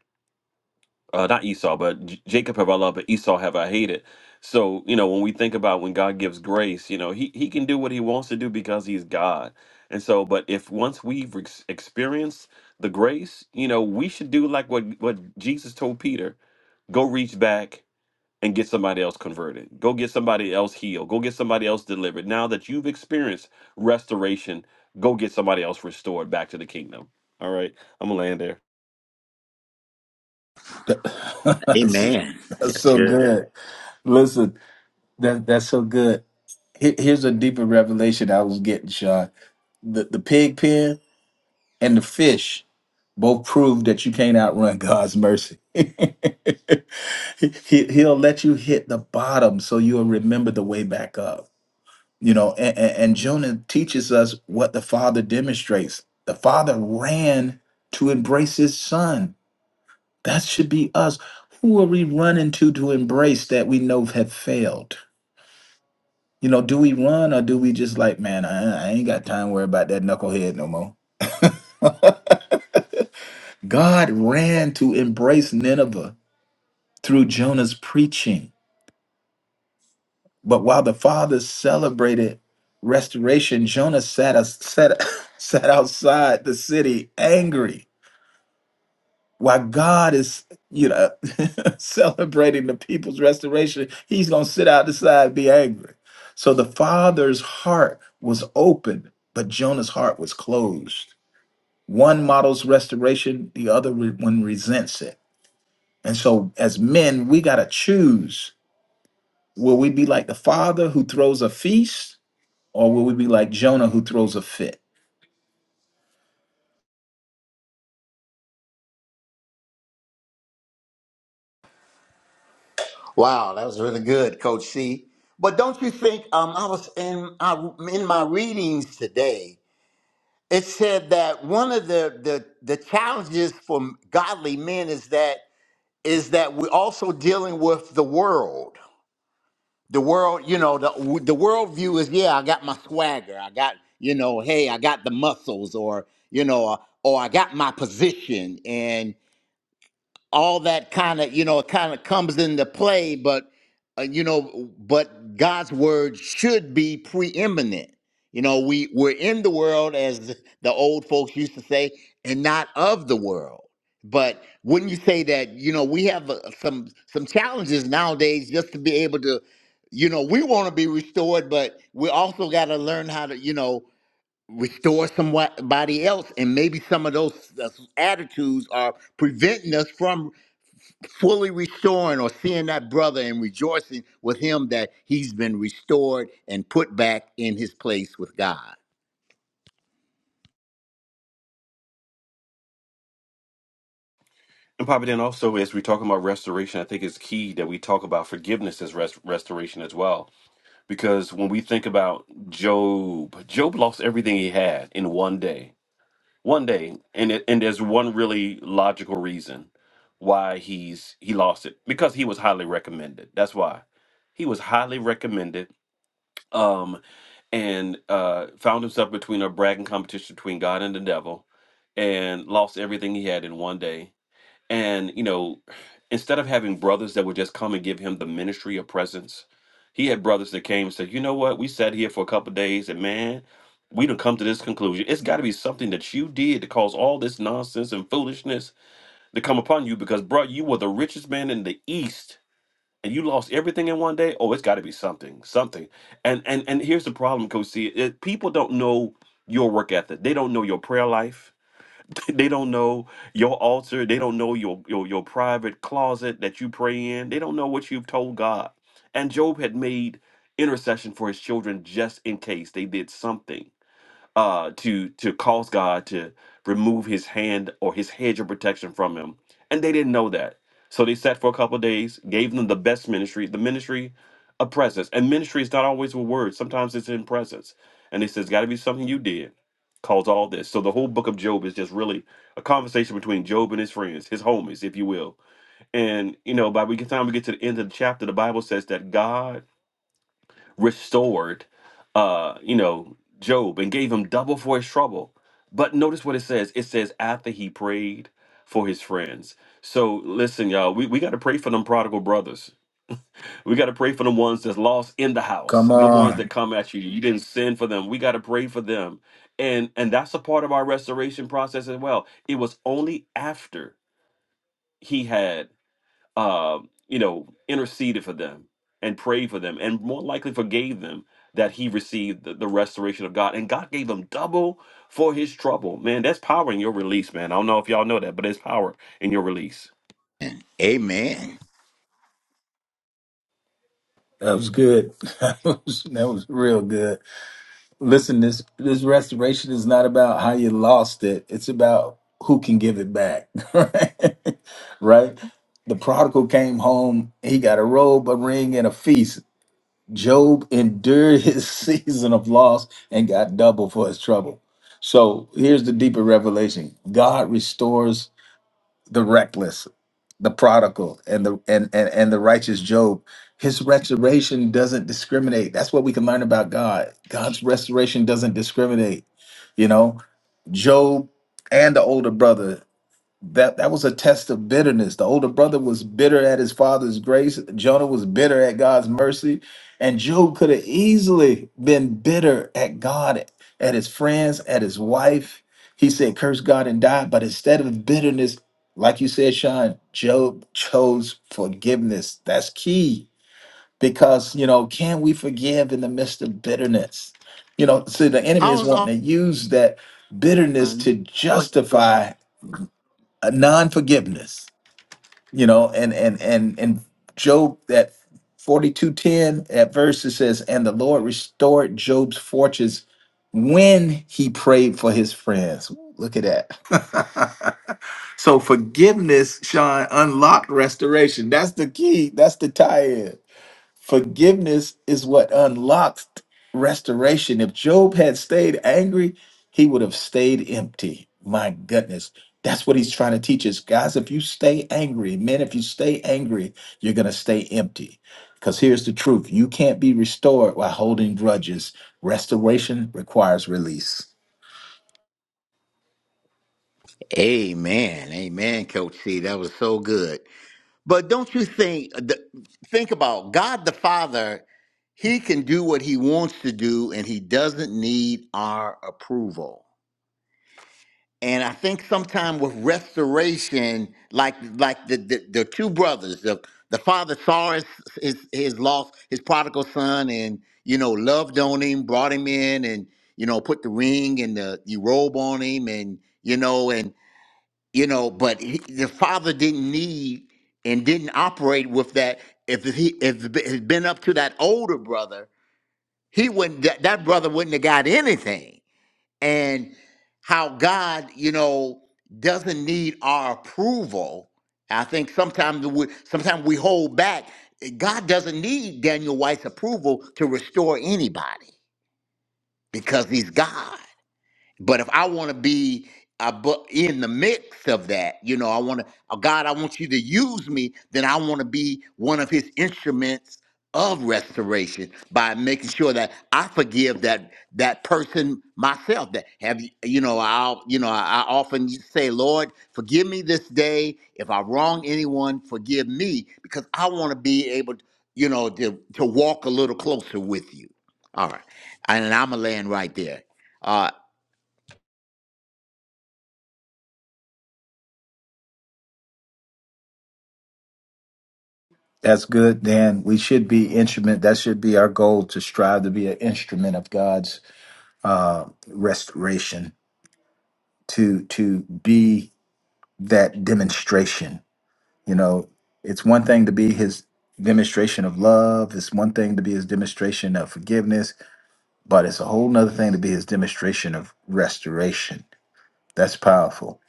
uh, not Esau, but J- Jacob have I loved, but Esau have I hated. So you know, when we think about when God gives grace, you know, he he can do what he wants to do because he's God. And so, but if once we've ex- experienced the grace, you know, we should do like what what Jesus told Peter: go reach back and get somebody else converted, go get somebody else healed, go get somebody else delivered. Now that you've experienced restoration, go get somebody else restored back to the kingdom. All right, I'm gonna land there. that's, Amen. that's so Good. good. Listen, that that's so good. Here- Here's a deeper revelation I was getting, Sean. The the pig pen and the fish. both prove that you can't outrun God's mercy. he, he- he'll let you hit the bottom so you'll remember the way back up. You know, and, and, and Jonah teaches us what the father demonstrates. The father ran to embrace his son. That should be us. Who are we running to to embrace that we know have failed? You know, do we run or do we just like, man, I, I ain't got time to worry about that knucklehead no more? God ran to embrace Nineveh through Jonah's preaching. But while the fathers celebrated restoration, Jonah sat, us- sat, sat outside the city angry. While God is, you know, celebrating the people's restoration, he's going to sit out the side and be angry. So the father's heart was open, but Jonah's heart was closed. One models restoration, the other re- one resents it. And so as men, we got to choose Will we be like the father who throws a feast, or will we be like Jonah who throws a fit? Wow, that was really good, Coach C. But don't you think? Um, I was in I, in my readings today. it said that one of the, the the challenges for godly men is that is that we're also dealing with the world the world you know the the worldview is yeah i got my swagger i got you know hey i got the muscles or you know or, i got my position and all that kind of you know it kind of comes into play but uh, you know but god's word should be preeminent you know we we're in the world as the old folks used to say and not of the world but wouldn't you say that you know we have uh, some some challenges nowadays just to be able to you know we want to be restored but we also got to learn how to you know restore somebody else and maybe some of those uh, attitudes are preventing us from fully restoring or seeing that brother and rejoicing with him that he's been restored and put back in his place with God. And Papa, then also as we're talking about restoration, I think it's key that we talk about forgiveness as rest- restoration as well. Because when we think about Job, Job lost everything he had in one day. One day, and it, and there's one really logical reason why he's he lost it because he was highly recommended. That's why he was highly recommended, um, and uh, found himself between a bragging competition between God and the devil, and lost everything he had in one day and, you know, instead of having brothers that would just come and give him the ministry of presence, he had brothers that came and said, you know what, we sat here for a couple of days and man, we done come to this conclusion. It's got to be something that you did to cause all this nonsense and foolishness to come upon you because, bro, you were the richest man in the East and you lost everything in one day. Oh, it's got to be something, something. And and and here's the problem, Coach C. It, people don't know your work ethic. They don't know your prayer life they don't know your altar. They don't know your, your your private closet that you pray in. They don't know what you've told God. And Job had made intercession for his children just in case they did something uh, to to cause God to remove His hand or His hedge of protection from him, and they didn't know that. So they sat for a couple of days, gave them the best ministry, the ministry of presence, and ministry is not always with words. Sometimes it's in presence, and they says, "Got to be something you did." Cause all this. So the whole book of Job is just really a conversation between Job and his friends, his homies, if you will. And you know, by the time we get to the end of the chapter, the Bible says that God restored uh you know job and gave him double for his trouble but notice what it says it says after he prayed for his friends so listen y'all we, we got to pray for them prodigal brothers we got to pray for the ones that's lost in the house Come the ones that on. come at you you didn't sin for them we got to pray for them and and that's a part of our restoration process as well it was only after he had uh, you know, interceded for them and prayed for them and more likely forgave them that he received the, the restoration of God. And God gave him double for his trouble. Man, that's power in your release, man. I don't know if y'all know that, but it's power in your release. Amen. That was good. that was that was real good. Listen, this this restoration is not about how you lost it. It's about who can give it back. Right? right? The prodigal came home, he got a robe, a ring, and a feast. Job endured his season of loss and got double for his trouble. So here's the deeper revelation. God restores the reckless, the prodigal, and the and and, and the righteous Job. His restoration doesn't discriminate. That's what we can learn about God. God's restoration doesn't discriminate. You know, Job and the older brother that that was a test of bitterness. The older brother was bitter at his father's grace. Jonah was bitter at God's mercy, and Job could have easily been bitter at God, at his friends, at his wife. He said, "Curse God and die." But instead of bitterness, like you said, Sean, Job chose forgiveness. That's key because you know, can we forgive in the midst of bitterness? You know, see, the enemy I is was wanting on. to use that bitterness to Go ahead, go ahead. justify a non-forgiveness you know and and and and job that 4210 at verse it says and the lord restored job's fortunes when he prayed for his friends look at that so forgiveness sean unlocked restoration that's the key that's the tie-in Forgiveness is what unlocks restoration. If Job had stayed angry, he would have stayed empty. My goodness. That's what he's trying to teach us. Guys, if you stay angry, men, if you stay angry, you're going to stay empty. Because here's the truth you can't be restored by holding grudges. Restoration requires release. Amen. Amen, Coach C. That was so good. But don't you think, uh, the- think about God the Father, he can do what he wants to do and he doesn't need our approval. And I think sometime with restoration, like like the the, the two brothers, the, the father saw his, his his lost his prodigal son, and you know loved on him, brought him in, and you know put the ring and the, the robe on him, and you know and you know, but he, the father didn't need and didn't operate with that. If he if it had been up to that older brother, he wouldn't that, that brother wouldn't have got anything and how God, you know, doesn't need our approval. I think sometimes we sometimes we hold back. God doesn't need Daniel White's approval to restore anybody because he's God. But if I want to be uh, bu- in the mix of that, you know, I want to, oh, God, I want you to use me, then I want to be one of his instruments of restoration by making sure that I forgive that that person myself that have you you know I'll you know I, I often say Lord forgive me this day if I wrong anyone forgive me because I want to be able you know to to walk a little closer with you all right and I'm gonna land right there Uh, That's good, Dan. We should be instrument. That should be our goal to strive to be an instrument of God's uh, restoration, to to be that demonstration. You know, it's one thing to be his demonstration of love, it's one thing to be his demonstration of forgiveness, but it's a whole nother thing to be his demonstration of restoration. That's powerful.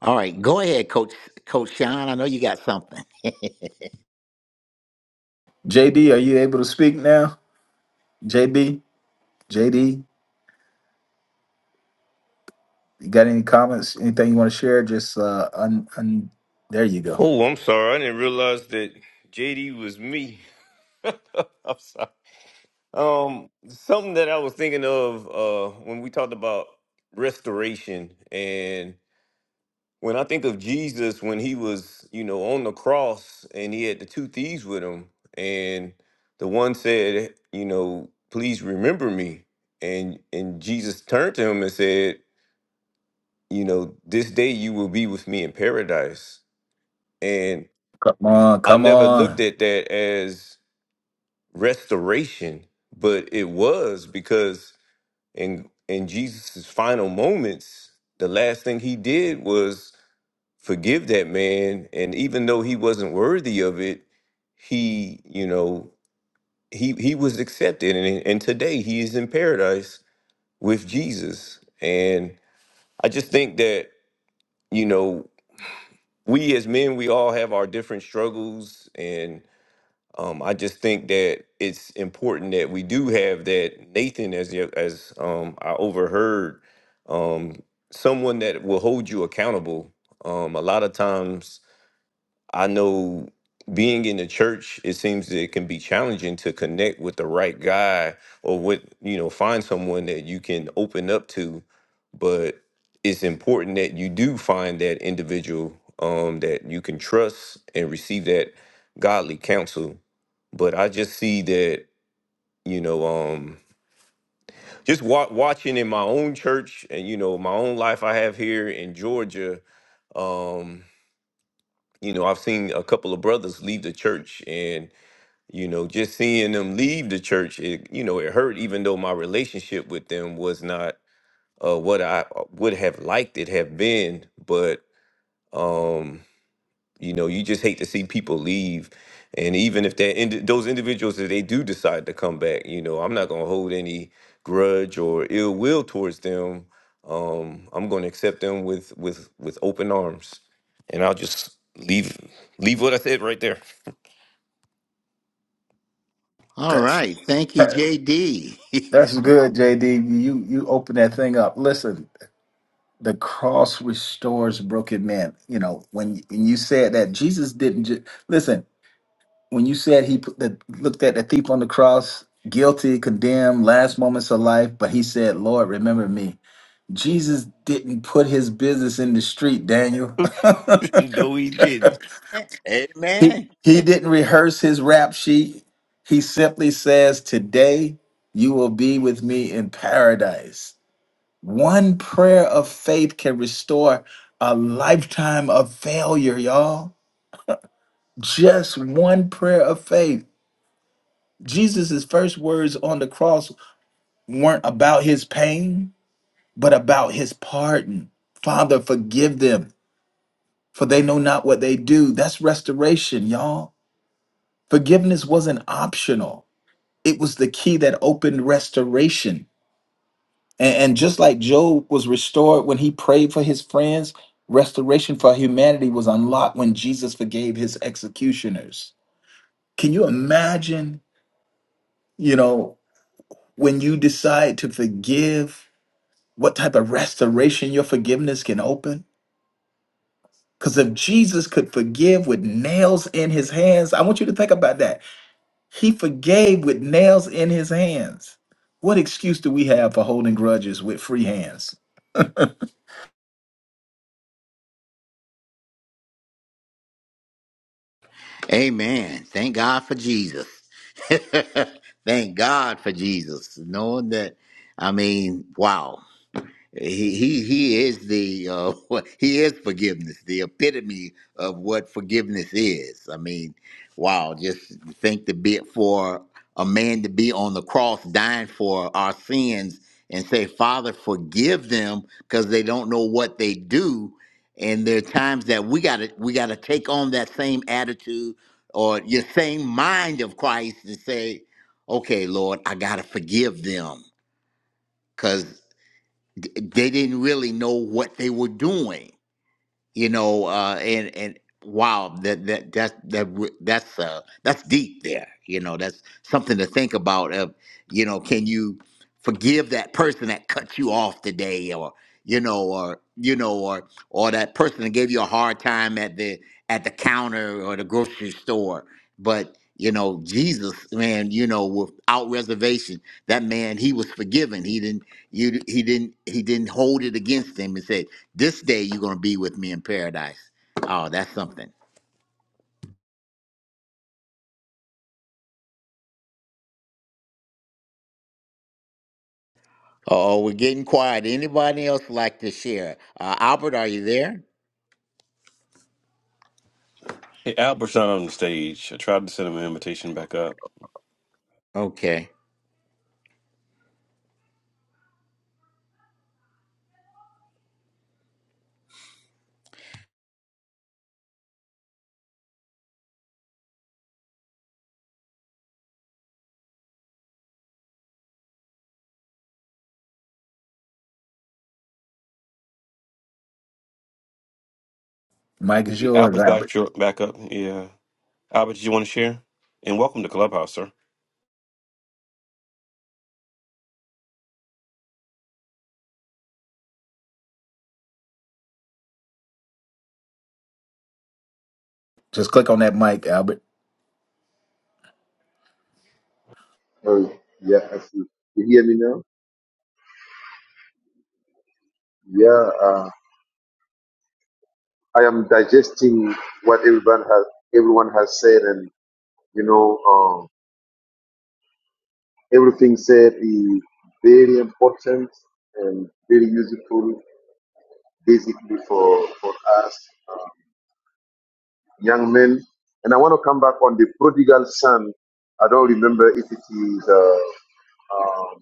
All right, go ahead, Coach Coach Sean. I know you got something. JD, are you able to speak now? JB, JD, you got any comments? Anything you want to share? Just uh un, un there you go. Oh, I'm sorry. I didn't realize that JD was me. I'm sorry. Um, something that I was thinking of uh, when we talked about restoration, and when I think of Jesus when he was, you know, on the cross and he had the two thieves with him, and the one said, you know, please remember me, and and Jesus turned to him and said, you know, this day you will be with me in paradise, and Come on, I come never on. looked at that as restoration, but it was because in in Jesus's final moments, the last thing he did was forgive that man. And even though he wasn't worthy of it, he, you know, he he was accepted. And, and today he is in paradise with Jesus. And I just think that, you know, we as men, we all have our different struggles and. Um, I just think that it's important that we do have that Nathan as your, as um, I overheard um, someone that will hold you accountable. Um, a lot of times, I know being in the church, it seems that it can be challenging to connect with the right guy or with you know find someone that you can open up to. But it's important that you do find that individual um, that you can trust and receive that godly counsel but I just see that you know, um, just wa- watching in my own church and you know my own life I have here in Georgia. Um, you know, I've seen a couple of brothers leave the church, and you know, just seeing them leave the church, it you know, it hurt. Even though my relationship with them was not uh, what I uh, would have liked it have been, but um, You know, you just hate to see people leave, and even if that indi- those individuals that they do decide to come back, you know, I'm not gonna hold any grudge or ill will towards them. Um, I'm gonna accept them with with with open arms, and I'll just leave leave what I said right there. All That's right, thank you, JD. that's good, JD. You you open that thing up. Listen, the cross restores broken man. You know, when, when you said that, Jesus didn't just listen. When you said he put the, looked at the thief on the cross, guilty, condemned, last moments of life, but he said, "Lord, remember me." Jesus didn't put his business in the street, Daniel. no, he didn't. He, Amen. he didn't rehearse his rap sheet. He simply says, "Today you will be with me in paradise." One prayer of faith can restore a lifetime of failure, y'all. Just one prayer of faith. Jesus' first words on the cross weren't about his pain, but about his pardon. Father, forgive them, for they know not what they do. That's restoration, y'all. Forgiveness wasn't optional, it was the key that opened restoration. And, and just like Job was restored when he prayed for his friends, restoration for humanity was unlocked when Jesus forgave his executioners. Can you imagine, you know, when you decide to forgive, what type of restoration your forgiveness can open? Because if Jesus could forgive with nails in his hands, I want you to think about that. He forgave with nails in his hands. What excuse do we have for holding grudges with free hands? Amen. Thank God for Jesus. thank God for Jesus. Knowing that, I mean, wow. He he he is the uh, he is forgiveness, the epitome of what forgiveness is. I mean, wow! Just think to be for a man to be on the cross dying for our sins and say, "Father, forgive them," because they don't know what they do. And there are times that we gotta we gotta take on that same attitude or your same mind of Christ and say, "Okay, Lord, I gotta forgive them." because they didn't really know what they were doing you know uh and and wow that that that that re- that's uh that's deep there you know that's something to think about of you know can you forgive that person that cut you off today or you know or you know or or that person that gave you a hard time at the at the counter or the grocery store but you know jesus man you know without reservation that man he was forgiven he didn't you he didn't he didn't hold it against him and said this day you're gonna be with me in paradise. Oh, that's something. Oh, we're getting quiet. Anybody else like to share? Uh, Albert, are you there? Hey, Albert's not on the stage. I tried to send him an invitation back up. Okay. Mike is yours, Albert's Albert. back back up. Yeah. Albert, did you want to share? And welcome to Clubhouse, sir. Just click on that mic, Albert. Oh, yeah, I see. You hear me now? Yeah, I am digesting what everyone has everyone has said, and you know, um, everything said is very important and very useful, basically for for us uh, young men. And I want to come back on the prodigal son. I don't remember if it is uh, um,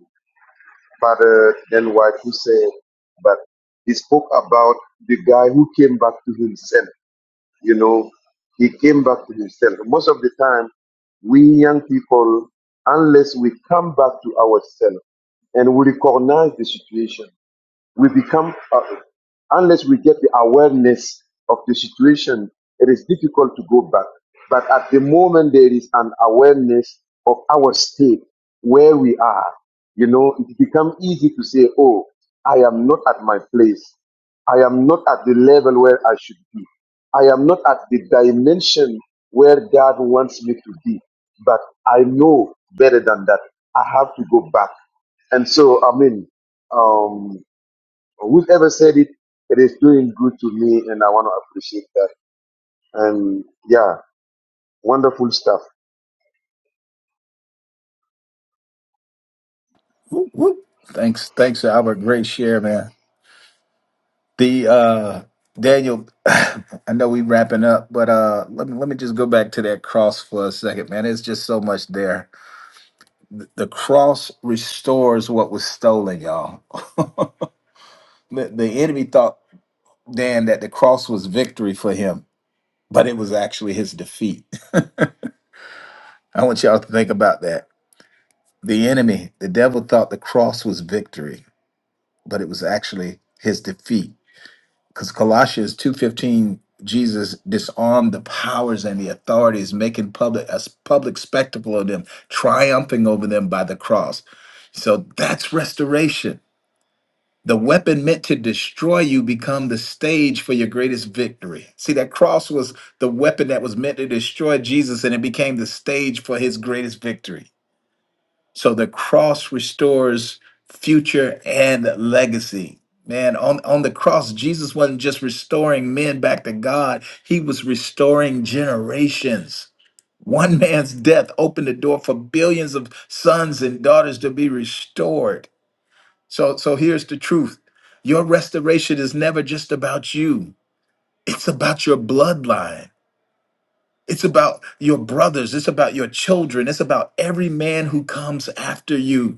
father then wife who said, but he spoke about the guy who came back to himself you know, he came back to himself. Most of the time, we young people, unless we come back to ourselves and we recognize the situation, we become uh, unless we get the awareness of the situation it is difficult to go back but at the moment there is an awareness of our state where we are you know it becomes easy to say oh i am not at my place i am not at the level where i should be i am not at the dimension where god wants me to be but i know better than that i have to go back and so i mean um, whoever said it, it is doing good to me, and I want to appreciate that. And yeah, wonderful stuff. Whoop, whoop. Thanks, thanks, Albert. Great share, man. The uh Daniel, I know we wrapping up, but uh let me let me just go back to that cross for a second, man. There's just so much there. The cross restores what was stolen, y'all. the, the enemy thought Dan that the cross was victory for him, but it was actually his defeat. I want y'all to think about that. The enemy, the devil thought the cross was victory, but it was actually his defeat because colossians 2.15 jesus disarmed the powers and the authorities making public a public spectacle of them triumphing over them by the cross so that's restoration the weapon meant to destroy you become the stage for your greatest victory see that cross was the weapon that was meant to destroy jesus and it became the stage for his greatest victory so the cross restores future and legacy. Man, on, on the cross, Jesus wasn't just restoring men back to God, he was restoring generations. One man's death opened the door for billions of sons and daughters to be restored. So, so here's the truth your restoration is never just about you, it's about your bloodline. It's about your brothers. It's about your children. It's about every man who comes after you.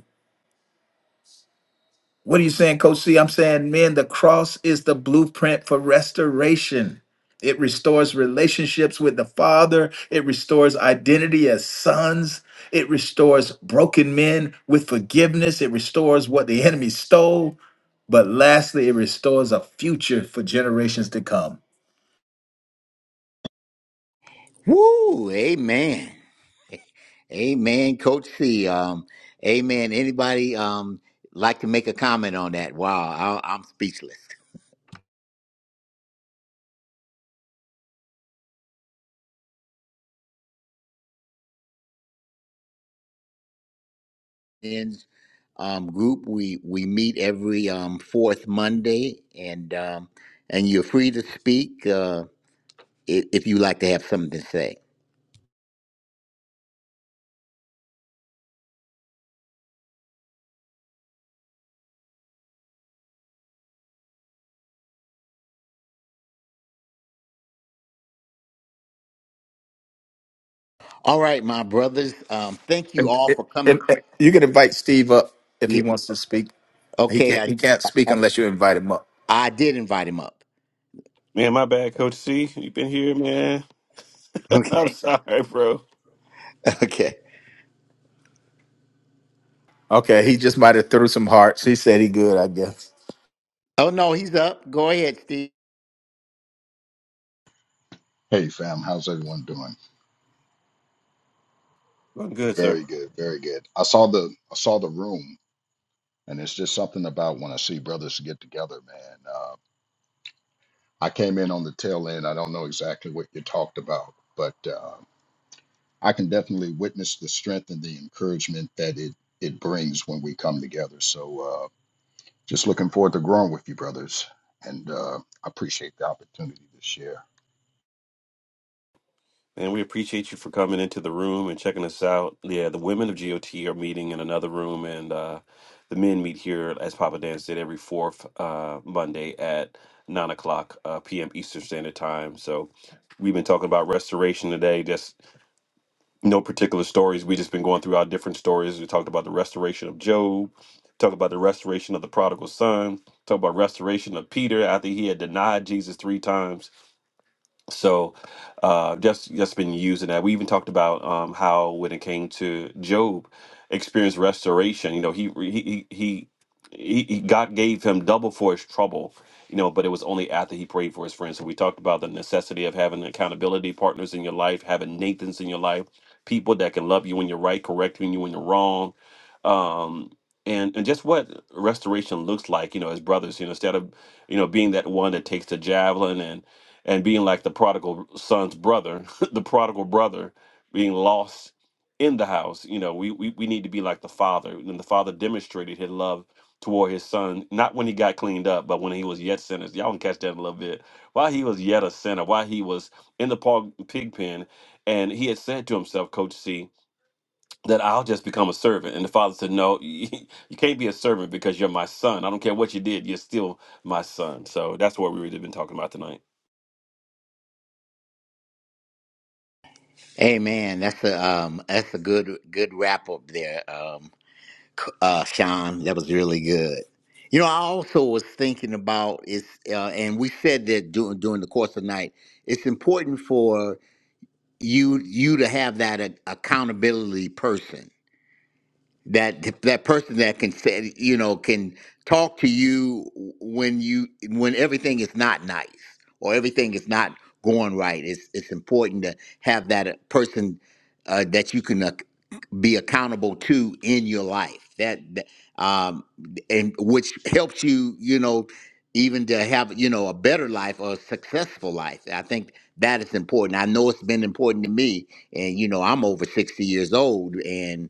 What are you saying, Coach C? I'm saying, man, the cross is the blueprint for restoration. It restores relationships with the Father, it restores identity as sons, it restores broken men with forgiveness, it restores what the enemy stole. But lastly, it restores a future for generations to come. Woo! Amen. Amen, Coach C. Um, amen. Anybody um like to make a comment on that? Wow, I, I'm speechless. And um, group. We we meet every um, fourth Monday, and um, and you're free to speak uh, i- if you like to have something to say. All right, my brothers. Um, thank you And, all and, for coming. and you can invite Steve up if he Yeah. wants to speak. He Okay, can't. I He can't speak unless you invite him up. I did invite him up. Man, my bad, Coach C. You've been here, man. I'm Okay. sorry, bro. Okay. Okay. He just might have threw some hearts. He said he good. I guess. Oh no, he's up. Go ahead, Steve. Hey fam, how's everyone doing? I'm good, sir. Very good, very good. I saw the I saw the room, and it's just something about when I see brothers get together, man. Uh, I came in on the tail end. I don't know exactly what you talked about, but uh, I can definitely witness the strength and the encouragement that it it brings when we come together. So uh, just looking forward to growing with you, brothers, and uh, I appreciate the opportunity to share. And we appreciate you for coming into the room and checking us out. Yeah, the women of GOT are meeting in another room, and uh, the men meet here, as Papa Dance did, every fourth uh, Monday at 9 o'clock uh, p.m. Eastern Standard Time. So we've been talking about restoration today, just no particular stories. we just been going through our different stories. We talked about the restoration of Job, talked about the restoration of the prodigal son, talked about restoration of Peter after he had denied Jesus three times so uh, just just been using that. We even talked about um, how when it came to Job, experienced restoration. You know, he he he he, he God gave him double for his trouble. You know, but it was only after he prayed for his friends. So we talked about the necessity of having accountability partners in your life, having Nathans in your life, people that can love you when you're right, correcting you when you're wrong. Um, and, and just what restoration looks like, you know, as brothers, you know, instead of, you know, being that one that takes the javelin and being like the prodigal son's brother, the prodigal brother being lost in the house. You know, we, we we need to be like the father. And the father demonstrated his love toward his son, not when he got cleaned up, but when he was yet sinners. Y'all can catch that in a little bit. While he was yet a sinner, while he was in the pog- pig pen, and he had said to himself, Coach C, that I'll just become a servant. And the father said, No, you can't be a servant because you're my son. I don't care what you did, you're still my son. So that's what we've really been talking about tonight. Hey man, that's a um that's a good good wrap up there. Um c- uh Sean, that was really good. You know, I also was thinking about it's uh, and we said that during during the course of the night, it's important for you you to have that a- accountability person that that person that can say you know can talk to you when you when everything is not nice or everything is not going right it's it's important to have that uh, person uh, that you can uh, be accountable to in your life that that, um and which helps you you know even to have you know a better life or a successful life i think that is important i know it's been important to me and you know i'm over 60 years old and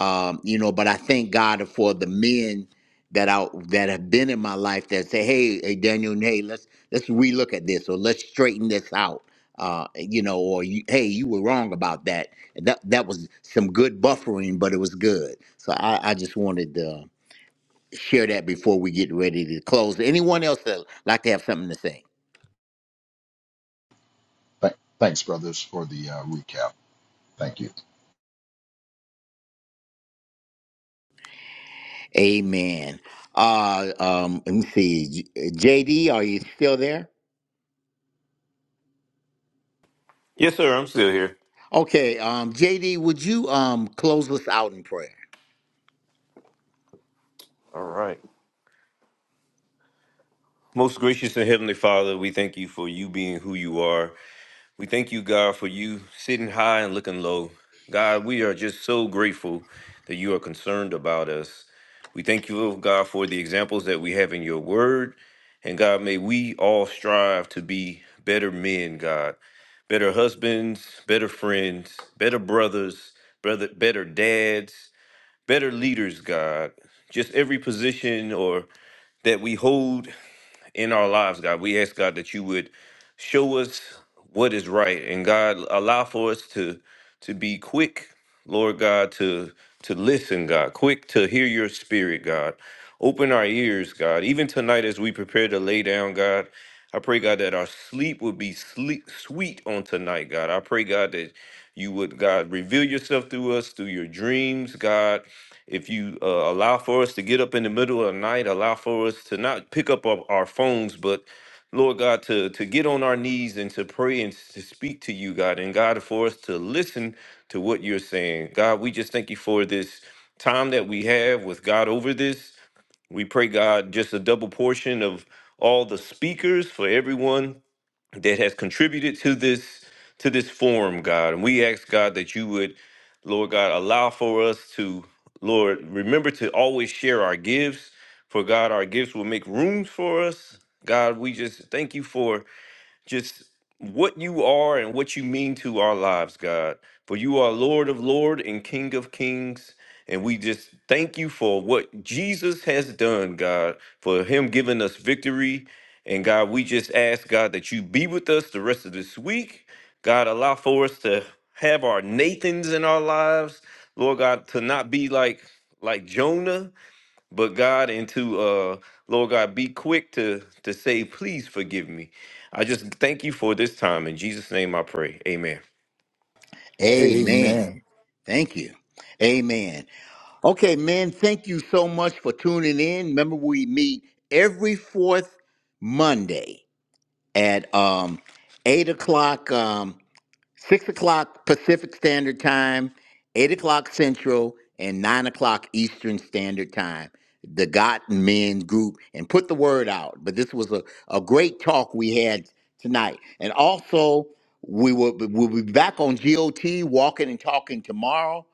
um, you know. But I thank God for the men that out that have been in my life that say, "Hey, hey, Daniel, hey, let's let's relook at this or let's straighten this out." Uh, you know, or you, hey, you were wrong about that. And That that was some good buffering, but it was good. So I, I just wanted to share that before we get ready to close. Anyone else that like to have something to say? Th- thanks, brothers, for the uh, recap. Thank you. Amen. Uh, um, let me see, J- JD, are you still there? Yes, sir. I'm still here. Okay, um, JD, would you um close us out in prayer? All right. Most gracious and heavenly Father, we thank you for you being who you are. We thank you, God, for you sitting high and looking low. God, we are just so grateful that you are concerned about us. We thank you, oh God, for the examples that we have in your word. And God, may we all strive to be better men, God, better husbands, better friends, better brothers, brother, better dads, better leaders, God. Just every position or that we hold in our lives, God. We ask, God, that you would show us what is right. And God, allow for us to to be quick, Lord God, to to listen, God, quick to hear your spirit, God. Open our ears, God. Even tonight as we prepare to lay down, God, I pray, God, that our sleep would be sleep sweet on tonight, God. I pray, God, that you would, God, reveal yourself through us, through your dreams, God if you uh, allow for us to get up in the middle of the night, allow for us to not pick up our, our phones, but Lord God, to, to get on our knees and to pray and to speak to you, God, and God, for us to listen to what you're saying. God, we just thank you for this time that we have with God over this. We pray, God, just a double portion of all the speakers for everyone that has contributed to this to this forum, God. And we ask God that you would, Lord God, allow for us to, Lord, remember to always share our gifts. For God, our gifts will make rooms for us. God, we just thank you for just what you are and what you mean to our lives, God. For you are Lord of Lord and King of Kings. And we just thank you for what Jesus has done, God, for him giving us victory. And God, we just ask, God, that you be with us the rest of this week. God, allow for us to have our Nathans in our lives. Lord God, to not be like like Jonah, but God and to uh Lord God, be quick to to say, please forgive me. I just thank you for this time. In Jesus' name I pray. Amen. Amen. Amen. Thank you. Amen. Okay, men, thank you so much for tuning in. Remember, we meet every fourth Monday at um eight o'clock. Um, six o'clock Pacific Standard Time, eight o'clock Central, and nine o'clock Eastern Standard Time. The Got Men group, and put the word out. But this was a, a great talk we had tonight. And also, we will we'll be back on GOT walking and talking tomorrow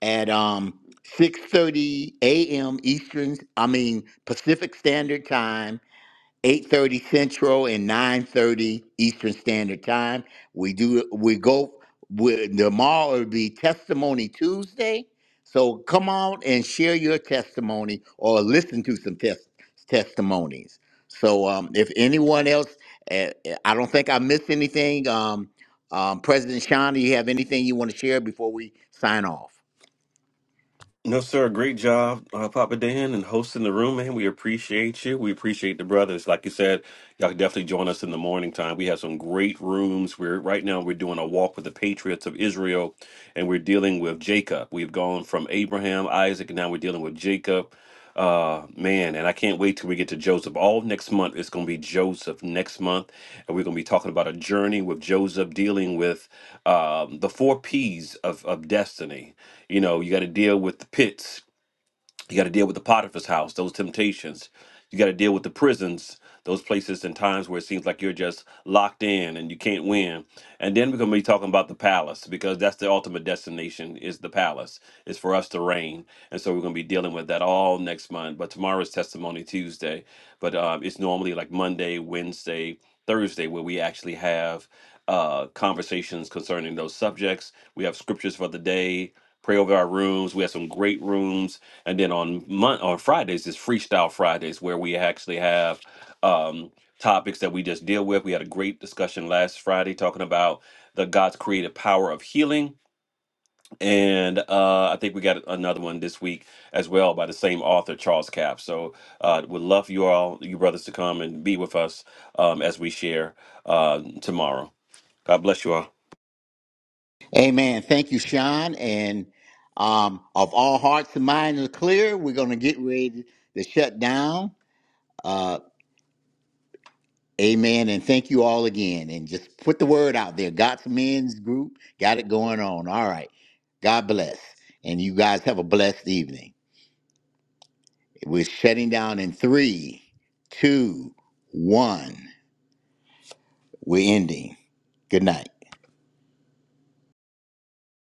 at um 6 a.m. Eastern, I mean Pacific Standard Time. 8:30 Central and 9:30 Eastern Standard Time. We do we go we, tomorrow will be Testimony Tuesday. So come on and share your testimony or listen to some tes- testimonies. So um, if anyone else, uh, I don't think I missed anything. Um, um, President Sean, do you have anything you want to share before we sign off? No, sir. Great job, uh, Papa Dan, and hosting the room, man. We appreciate you. We appreciate the brothers. Like you said, y'all can definitely join us in the morning time. We have some great rooms. We're right now we're doing a walk with the patriots of Israel, and we're dealing with Jacob. We've gone from Abraham, Isaac, and now we're dealing with Jacob. Uh, man, and I can't wait till we get to Joseph. All next month, it's going to be Joseph next month, and we're going to be talking about a journey with Joseph, dealing with um, the four P's of, of destiny. You know, you got to deal with the pits. You got to deal with the Potiphar's house, those temptations. You got to deal with the prisons, those places and times where it seems like you're just locked in and you can't win. And then we're going to be talking about the palace because that's the ultimate destination is the palace. It's for us to reign. And so we're going to be dealing with that all next month. But tomorrow is Testimony Tuesday. But um, it's normally like Monday, Wednesday, Thursday where we actually have uh, conversations concerning those subjects. We have scriptures for the day. Pray over our rooms. We have some great rooms and then on Mon- on Fridays is Freestyle Fridays, where we actually have um, topics that we just deal with. We had a great discussion last Friday talking about the God's creative power of healing, and uh, I think we got another one this week as well by the same author, Charles Capp. So uh, would love you all, you brothers, to come and be with us um, as we share uh, tomorrow. God bless you all. Amen. Thank you, Sean. And um, of all hearts and minds are clear, we're going to get ready to shut down. Uh, amen. And thank you all again. And just put the word out there. God's men's group got it going on. All right. God bless. And you guys have a blessed evening. We're shutting down in three, two, one. We're ending. Good night.